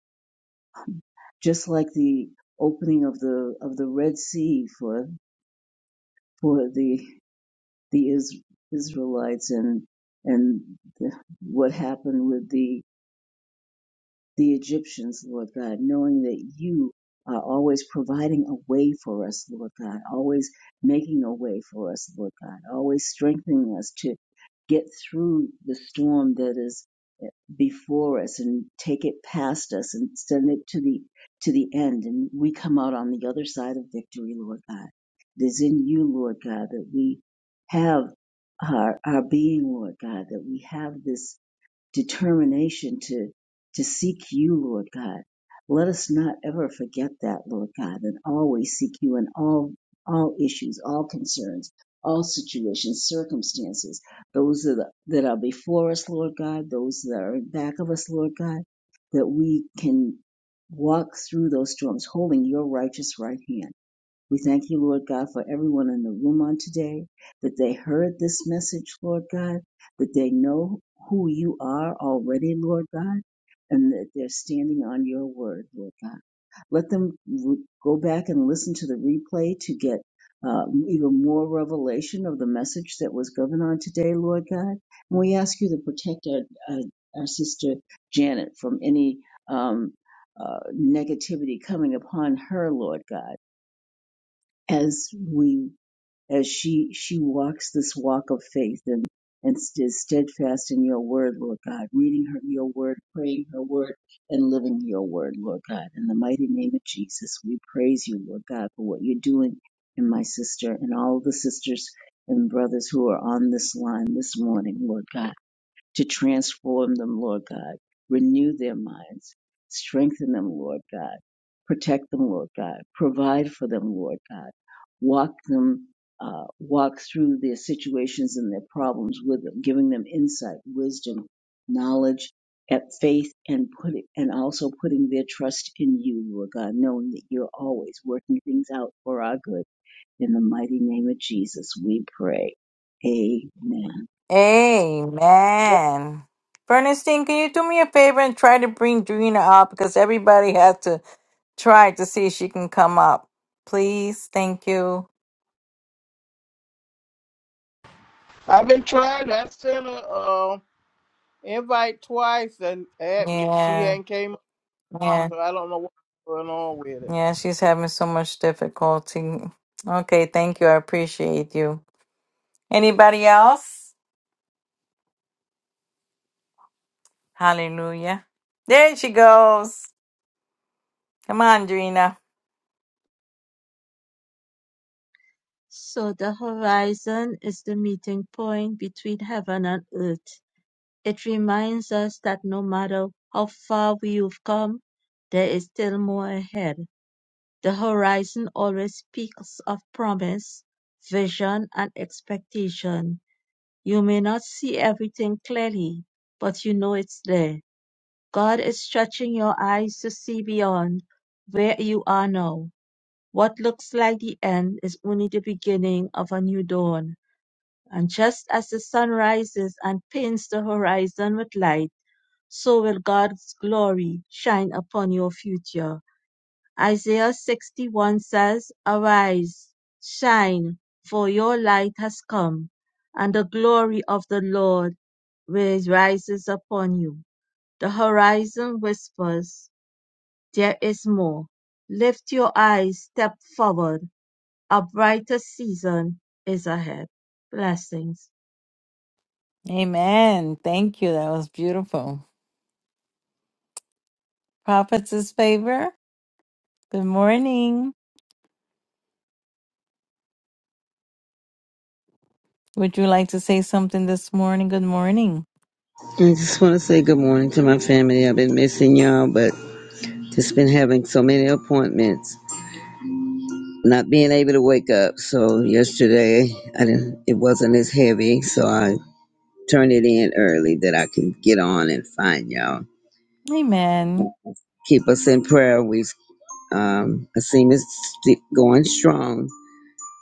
Speaker 2: just like the opening of the of the Red Sea for for the the Is- Israelites and and the, what happened with the the Egyptians, Lord God, knowing that you are always providing a way for us, Lord God, always making a way for us, Lord God, always strengthening us to get through the storm that is before us and take it past us and send it to the to the end and we come out on the other side of victory lord god it is in you lord god that we have our our being lord god that we have this determination to to seek you, Lord God. Let us not ever forget that, Lord God, and always seek you in all all issues, all concerns, all situations, circumstances, those that are, that are before us, Lord God, those that are in back of us, Lord God, that we can walk through those storms holding your righteous right hand. We thank you, Lord God, for everyone in the room on today, that they heard this message, Lord God, that they know who you are already, Lord God, and that they're standing on your word, Lord God. Let them re- go back and listen to the replay to get uh, even more revelation of the message that was given on today, Lord God. And we ask you to protect our, our, our sister Janet from any um, uh, negativity coming upon her, Lord God as we as she she walks this walk of faith and and st- is steadfast in your word, Lord God, reading her your word, praying her word, and living your word, Lord God. In the mighty name of Jesus, we praise you, Lord God, for what you're doing in my sister and all the sisters and brothers who are on this line this morning, Lord God to transform them, Lord God. Renew their minds. Strengthen them, Lord God. Protect them, Lord God. Provide for them, Lord God. Walk them, uh, walk through their situations and their problems with them, giving them insight, wisdom, knowledge, at faith, and put it, and also putting their trust in you, Lord God, knowing that you're always working things out for our good. In the mighty name of Jesus, we pray. Amen.
Speaker 1: Amen. Bernstein, can you do me a favor and try to bring Drina up because everybody has to try to see if she can come up. Please, thank you.
Speaker 5: I've been trying. I sent her uh, invite twice, and admin she
Speaker 1: Yeah,
Speaker 5: hadn't came up,
Speaker 1: yeah,
Speaker 5: so I don't know what's going on with it.
Speaker 1: yeah. She's having so much difficulty. Okay, thank you. I appreciate you. Anybody else? Hallelujah. There she goes. Come on, Drina.
Speaker 4: So the horizon is the meeting point between heaven and earth. It reminds us that no matter how far we've come, there is still more ahead. The horizon always speaks of promise, vision, and expectation. You may not see everything clearly, but you know it's there. God is stretching your eyes to see beyond where you are now. What looks like the end is only the beginning of a new dawn. And just as the sun rises and paints the horizon with light, so will God's glory shine upon your future. Isaiah 61 says, Arise, shine, for your light has come, and the glory of the Lord rises upon you. The horizon whispers, There is more. Lift your eyes, step forward. A brighter season is ahead. Blessings.
Speaker 1: Amen. Thank you. That was beautiful. Prophet's favor. Good morning. Would you like to say something this morning? Good morning.
Speaker 6: I just want to say good morning to my family. I've been missing y'all, but just been having so many appointments, not being able to wake up. So yesterday, I didn't. It wasn't as heavy, so I turned it in early that I can get on and find y'all.
Speaker 1: Amen.
Speaker 6: Keep us in prayer. We, um, I seem it's st- going strong.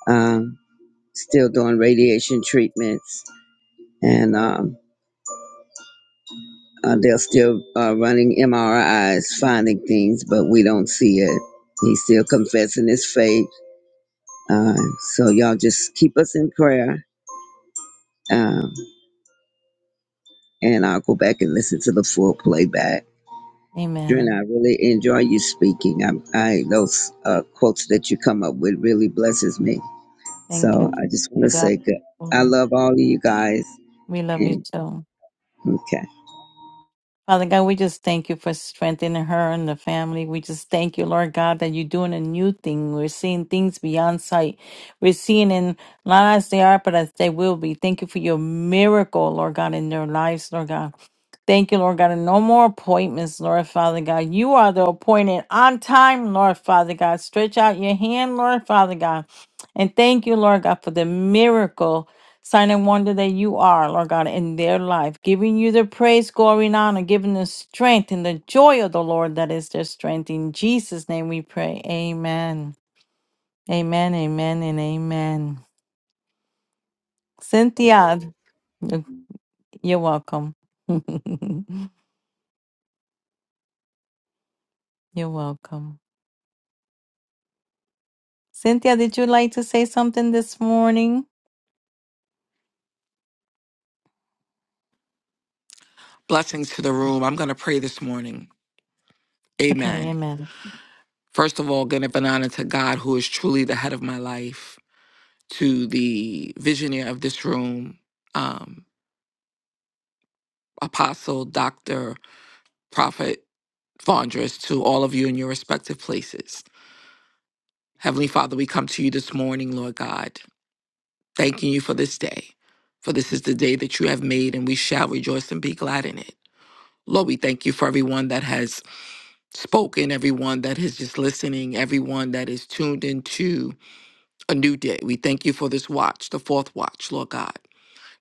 Speaker 6: Um, still doing radiation treatments, and um, Uh, they're still uh, running MRIs, finding things, but we don't see it. He's still confessing his faith. Uh, so y'all just keep us in prayer, um, and I'll go back and listen to the full playback. Dren,
Speaker 1: Amen.
Speaker 6: I really enjoy you speaking. I, I those uh, quotes that you come up with really blesses me.
Speaker 1: Thank
Speaker 6: So
Speaker 1: you
Speaker 6: I just want
Speaker 1: to
Speaker 6: to say,
Speaker 1: God.
Speaker 6: good. I
Speaker 1: Lord,
Speaker 6: love all of you guys,
Speaker 1: We love
Speaker 6: and
Speaker 1: you.
Speaker 6: okay.
Speaker 1: Father God, we just thank you for strengthening her and the family. We just thank you, Lord God, that you're doing a new thing. We're seeing things beyond sight. We're seeing in not as they are, but as they will be. Thank you for your miracle, Lord God, in their lives, Lord God. Thank you, Lord God, and no more appointments, Lord Father God. You are the appointed on time, Lord Father God. Stretch out your hand, Lord Father God. And thank you, Lord God, for the miracle, sign and wonder that you are, Lord God, in their life, giving you the praise, glory, and honor, giving the strength and the joy of the Lord that is their strength. In Jesus' name we pray. Amen. Amen, amen, and amen. Cynthia, you- you're welcome. you're welcome. Cynthia, did you like to say something this morning?
Speaker 3: Blessings to the room. I'm going to pray this morning.
Speaker 1: Okay,
Speaker 3: Amen.
Speaker 1: amen.
Speaker 3: First of all, give an honor to God, who is truly the head of my life, to the visionary of this room, um, Apostle, Doctor, Prophet, Fondress, to all of you in your respective places. Heavenly Father, we come to you this morning, Lord God, thanking you for this day. For this is the day that you have made, and we shall rejoice and be glad in it. Lord, we thank you for everyone that has spoken, everyone that is just listening, everyone that is tuned into a new day. We thank you for this watch, the fourth watch, Lord God.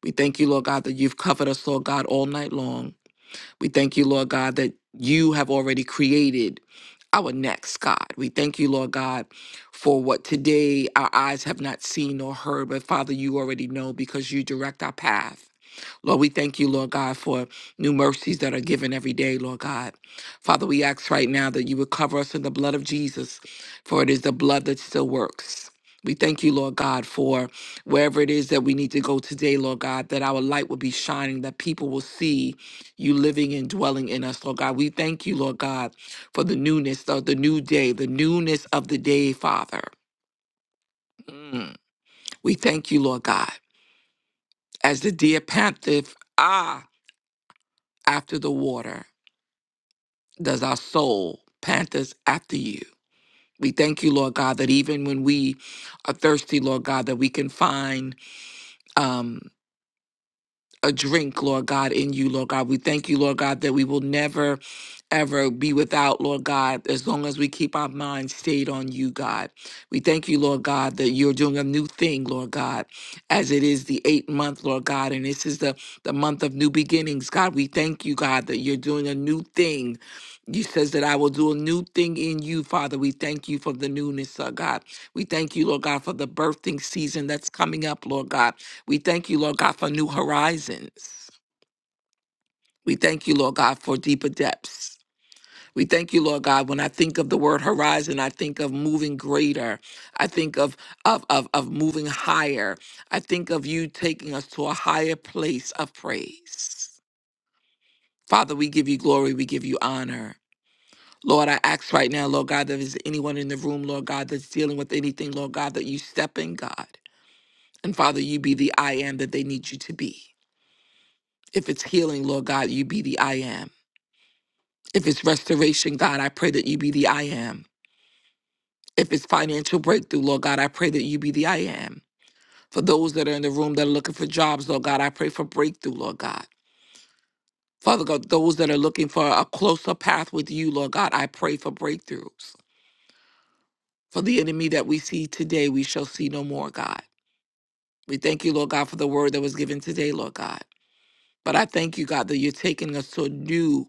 Speaker 3: We thank you, Lord God, that you've covered us, Lord God, all night long. We thank you, Lord God, that you have already created our next, God. We thank you, Lord God, for what today our eyes have not seen nor heard, but Father, you already know because you direct our path. Lord, we thank you, Lord God, for new mercies that are given every day, Lord God. Father, we ask right now that you would cover us in the blood of Jesus, for it is the blood that still works. We thank you, Lord God, for wherever it is that we need to go today, Lord God, that our light will be shining, that people will see you living and dwelling in us, Lord God. We thank you, Lord God, for the newness of the new day, the newness of the day, Father. Mm. We thank you, Lord God, as the deer panteth, ah, after the water. does our soul panthers after you. We thank you, Lord God, that even when we are thirsty, Lord God, that we can find um, a drink, Lord God, in you, Lord God. We thank you, Lord God, that we will never ever be without, Lord God, as long as we keep our minds stayed on you, God. We thank you, Lord God, that you're doing a new thing, Lord God, as it is the eighth month, Lord God, and this is the, the month of new beginnings, God. We thank you, God, that you're doing a new thing. You says that I will do a new thing in you, Father. We thank you for the newness, Lord God. We thank you, Lord God, for the birthing season that's coming up, Lord God. We thank you, Lord God, for new horizons. We thank you, Lord God, for deeper depths. We thank you, Lord God. When I think of the word horizon, I think of moving greater. I think of, of, of, of moving higher. I think of you taking us to a higher place of praise. Father, we give you glory. We give you honor. Lord, I ask right now, Lord God, that if there's anyone in the room, Lord God, that's dealing with anything, Lord God, that you step in, God. And Father, you be the I am that they need you to be. If it's healing, Lord God, you be the I am. If it's restoration, God, I pray that you be the I am. If it's financial breakthrough, Lord God, I pray that you be the I am. For those that are in the room that are looking for jobs, Lord God, I pray for breakthrough, Lord God. Father God, those that are looking for a closer path with you, Lord God, I pray for breakthroughs. For the enemy that we see today, we shall see no more, God. We thank you, Lord God, for the word that was given today, Lord God. But I thank you, God, that you're taking us to a new,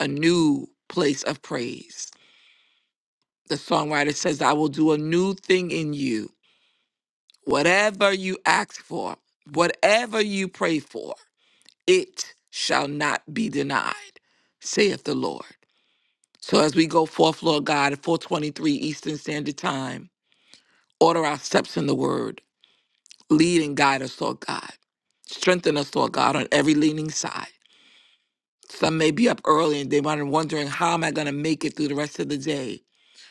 Speaker 3: a new place of praise. The songwriter says, I will do a new thing in you Whatever you ask for, whatever you pray for, it shall not be denied, saith the Lord. So as we go forth, Lord God, at 423 Eastern Standard Time, order our steps in the word. Lead and guide us, Lord God. Strengthen us, Lord God, on every leaning side. Some may be up early and they are wondering, how am I going to make it through the rest of the day?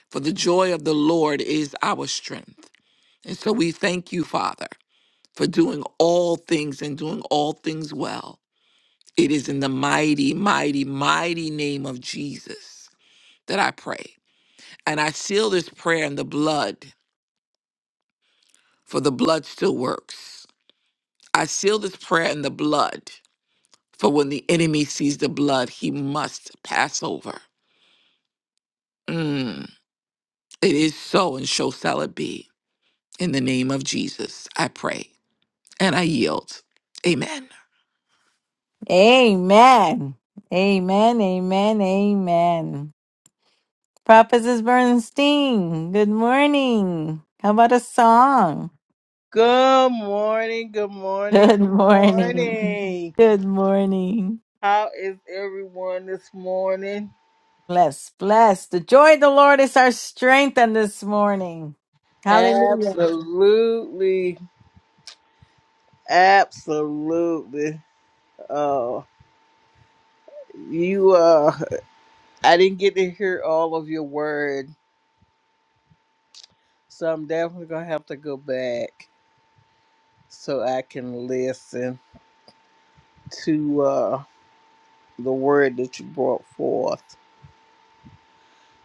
Speaker 3: For the joy of the Lord is our strength. And so we thank you, Father. for doing all things and doing all things well. It is in the mighty, mighty, mighty name of Jesus that I pray. And I seal this prayer in the blood, for the blood still works. I seal this prayer in the blood, for when the enemy sees the blood, he must pass over. Mm, it is so, and shall shall it be. In the name of Jesus, I pray and I yield. Amen.
Speaker 1: Amen. Amen, amen, amen. Prophetess Bernstein, good morning. How about a song?
Speaker 5: Good morning. Good morning.
Speaker 1: Good
Speaker 5: Good
Speaker 1: morning.
Speaker 5: morning.
Speaker 1: Good morning.
Speaker 5: How is everyone this morning?
Speaker 1: Bless, bless. The joy of the Lord is our strength on this morning. Hallelujah.
Speaker 5: Absolutely, absolutely. Uh, you uh, I didn't get to hear all of your word, so I'm definitely gonna have to go back so I can listen to. uh the word that you brought forth.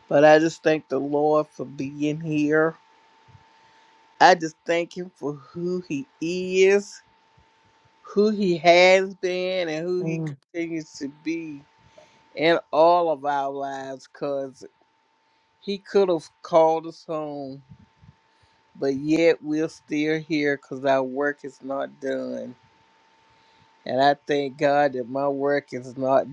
Speaker 5: But I just thank the Lord for being here. I just thank Him for who He is, who He has been, and who He
Speaker 1: Mm.
Speaker 5: continues to be in all of our lives because He could have called us home, but yet we're still here because our work is not done. And I thank God that my work is not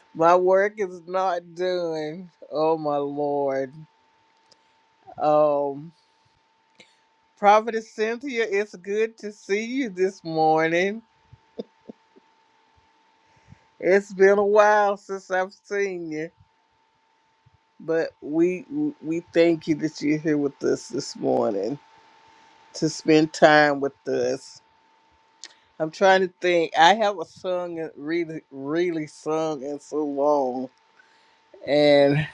Speaker 5: my work is not done. Oh my Lord. um. Prophetess Cynthia, it's good to see you this morning. It's been a while since I've seen you, but we we thank you that you're here with us this morning to spend time with us. I'm trying to think. I haven't sung and really, really sung in so long, and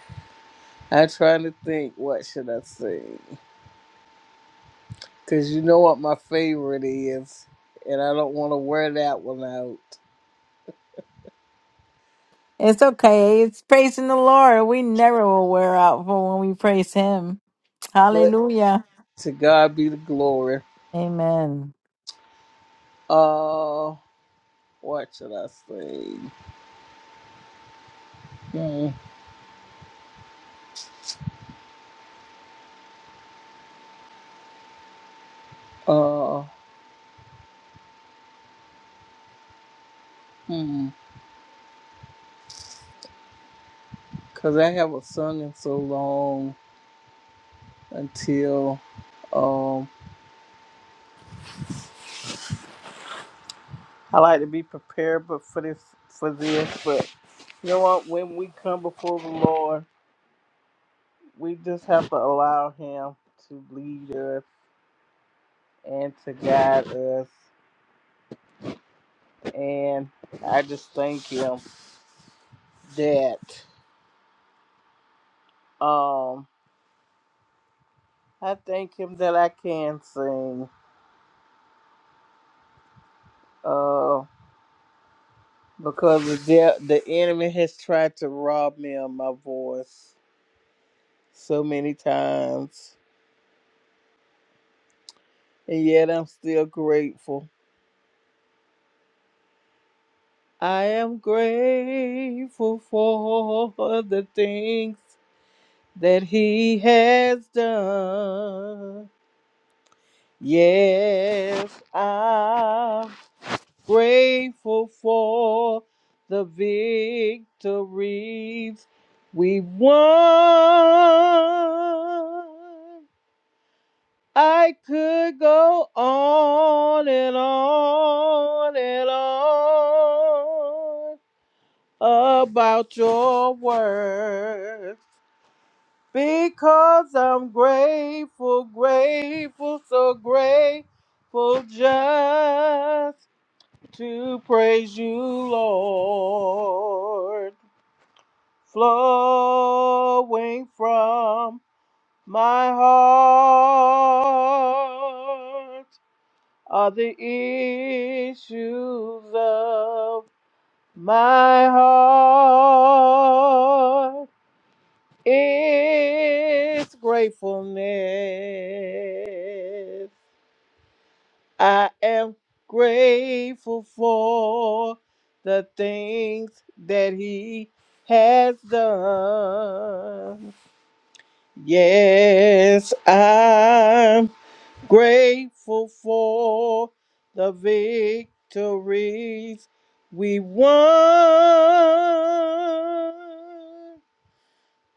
Speaker 5: I'm trying to think what should I sing because you know what my favorite is, and I don't want to wear that one out.
Speaker 1: It's okay. It's praising the Lord. We never will wear out for when we praise Him.
Speaker 5: But
Speaker 1: Hallelujah.
Speaker 5: to God be the glory.
Speaker 1: Amen.
Speaker 5: Uh, what should I say? Hmm. Uh, hmm. Cause I haven't sung in so long until um. I like to be prepared, but for this, for this, but you know what? When we come before the Lord, we just have to allow Him to lead us and to guide us. And I just thank Him that um, I thank Him that I can sing. Uh, because the de- the enemy has tried to rob me of my voice so many times, and yet I'm still grateful. I am grateful for the things that He has done. Yes, I'm grateful for the victories we won. I could go on and on and on about your words because I'm grateful, grateful, so grateful just to praise you, Lord. Flowing from my heart. are the issues of my heart. It's gratefulness. I am grateful for the things that He has done. Yes, I'm Grateful for the victories we won.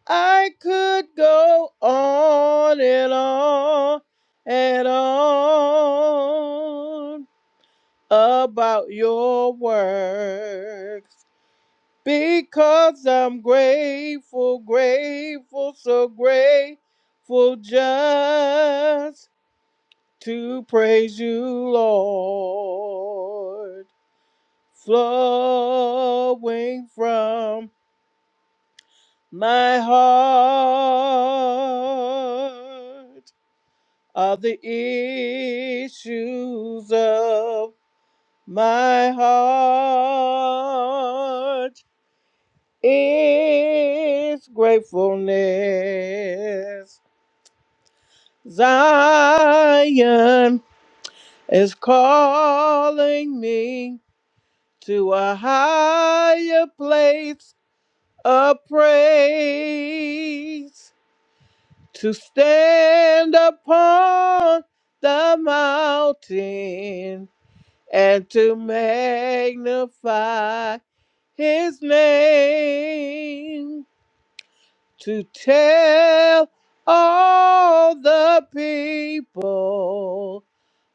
Speaker 5: I could go on and on and on about your works because I'm grateful, grateful, so grateful just to praise you, Lord, flowing from my heart are the issues of my heart is gratefulness. Zion is calling me to a higher place of praise, to stand upon the mountain and to magnify his name, to tell all the people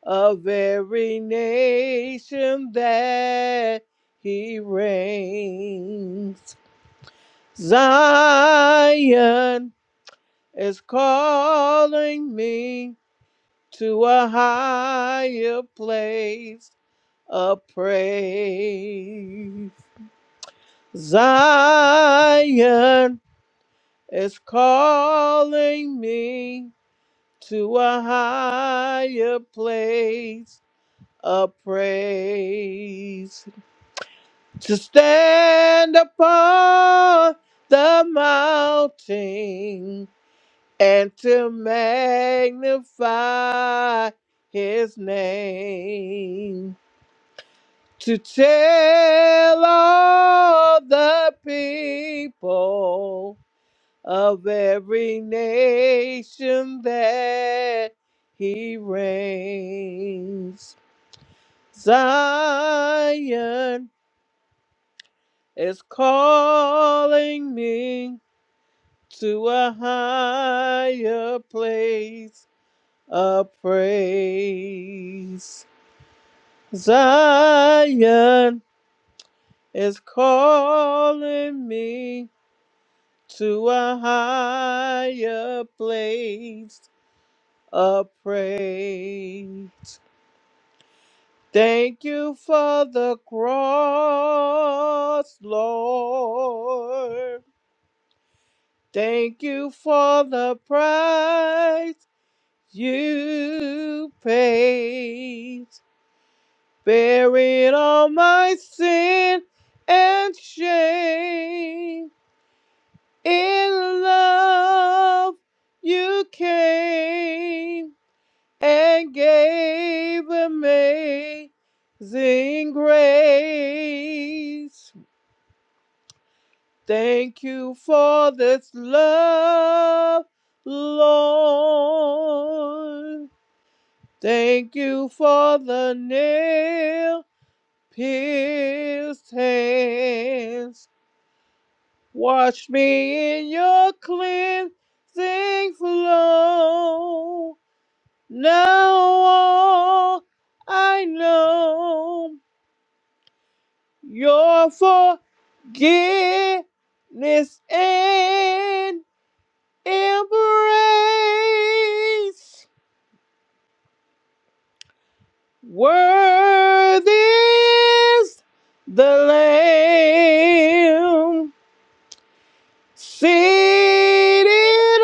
Speaker 5: of every nation that he reigns. Zion is calling me to a higher place of praise. Zion is calling me to a higher place of praise. to stand upon the mountain and to magnify his name, to tell all the people of every nation that he reigns. Zion is calling me to a higher place of praise. Zion is calling me to a higher place of praise. Thank you for the cross, Lord. Thank you for the price You paid, buried all my sin and shame. In love, you came and gave amazing grace. Thank you for this love, Lord. Thank you for the nail pierced hands. Wash me in your cleansing flow. Now all I know your forgiveness and embrace. Worthy is the Lamb seated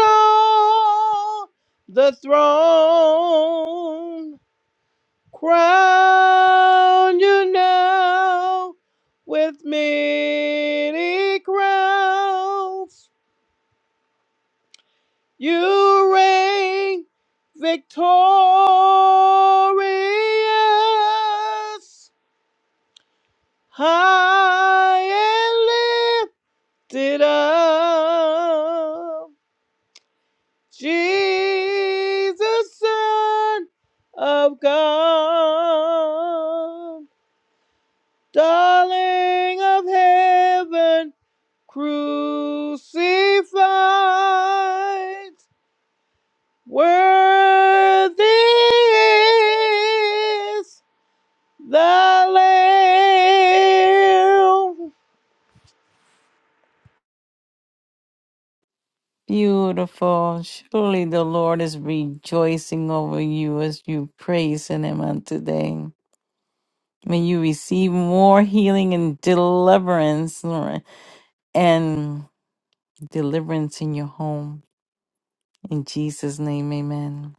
Speaker 5: on the throne. Crown you now with many crowns. You reign victorious. high and lifted up. Jesus, Son of God, darling of heaven, crucified, worthy is the Lamb.
Speaker 1: Beautiful. Surely the Lord is rejoicing over you as you praise Him on today. May you receive more healing and deliverance Lord, and deliverance in your home. In Jesus' name, amen.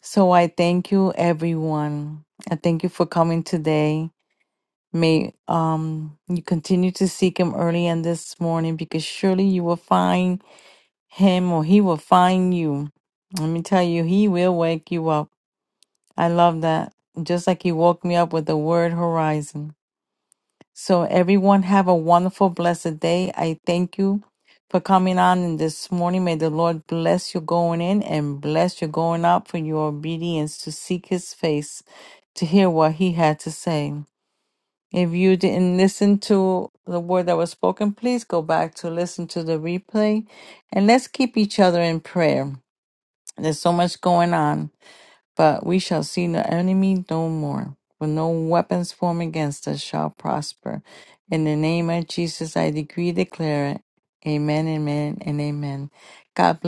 Speaker 1: So I thank you, everyone. I thank you for coming today. May um, you continue to seek him early and this morning because surely you will find him or he will find you. Let me tell you, he will wake you up. I love that. Just like he woke me up with the word horizon. So everyone have a wonderful, blessed day. I thank you for coming on in this morning. May the Lord bless you going in and bless you going out for your obedience to seek his face, to hear what he had to say. If you didn't listen to the word that was spoken, please go back to listen to the replay and let's keep each other in prayer. There's so much going on. But we shall see the enemy no more, for no weapons formed against us shall prosper. In the name of Jesus, I decree, declare it. Amen, amen, and amen. God bless.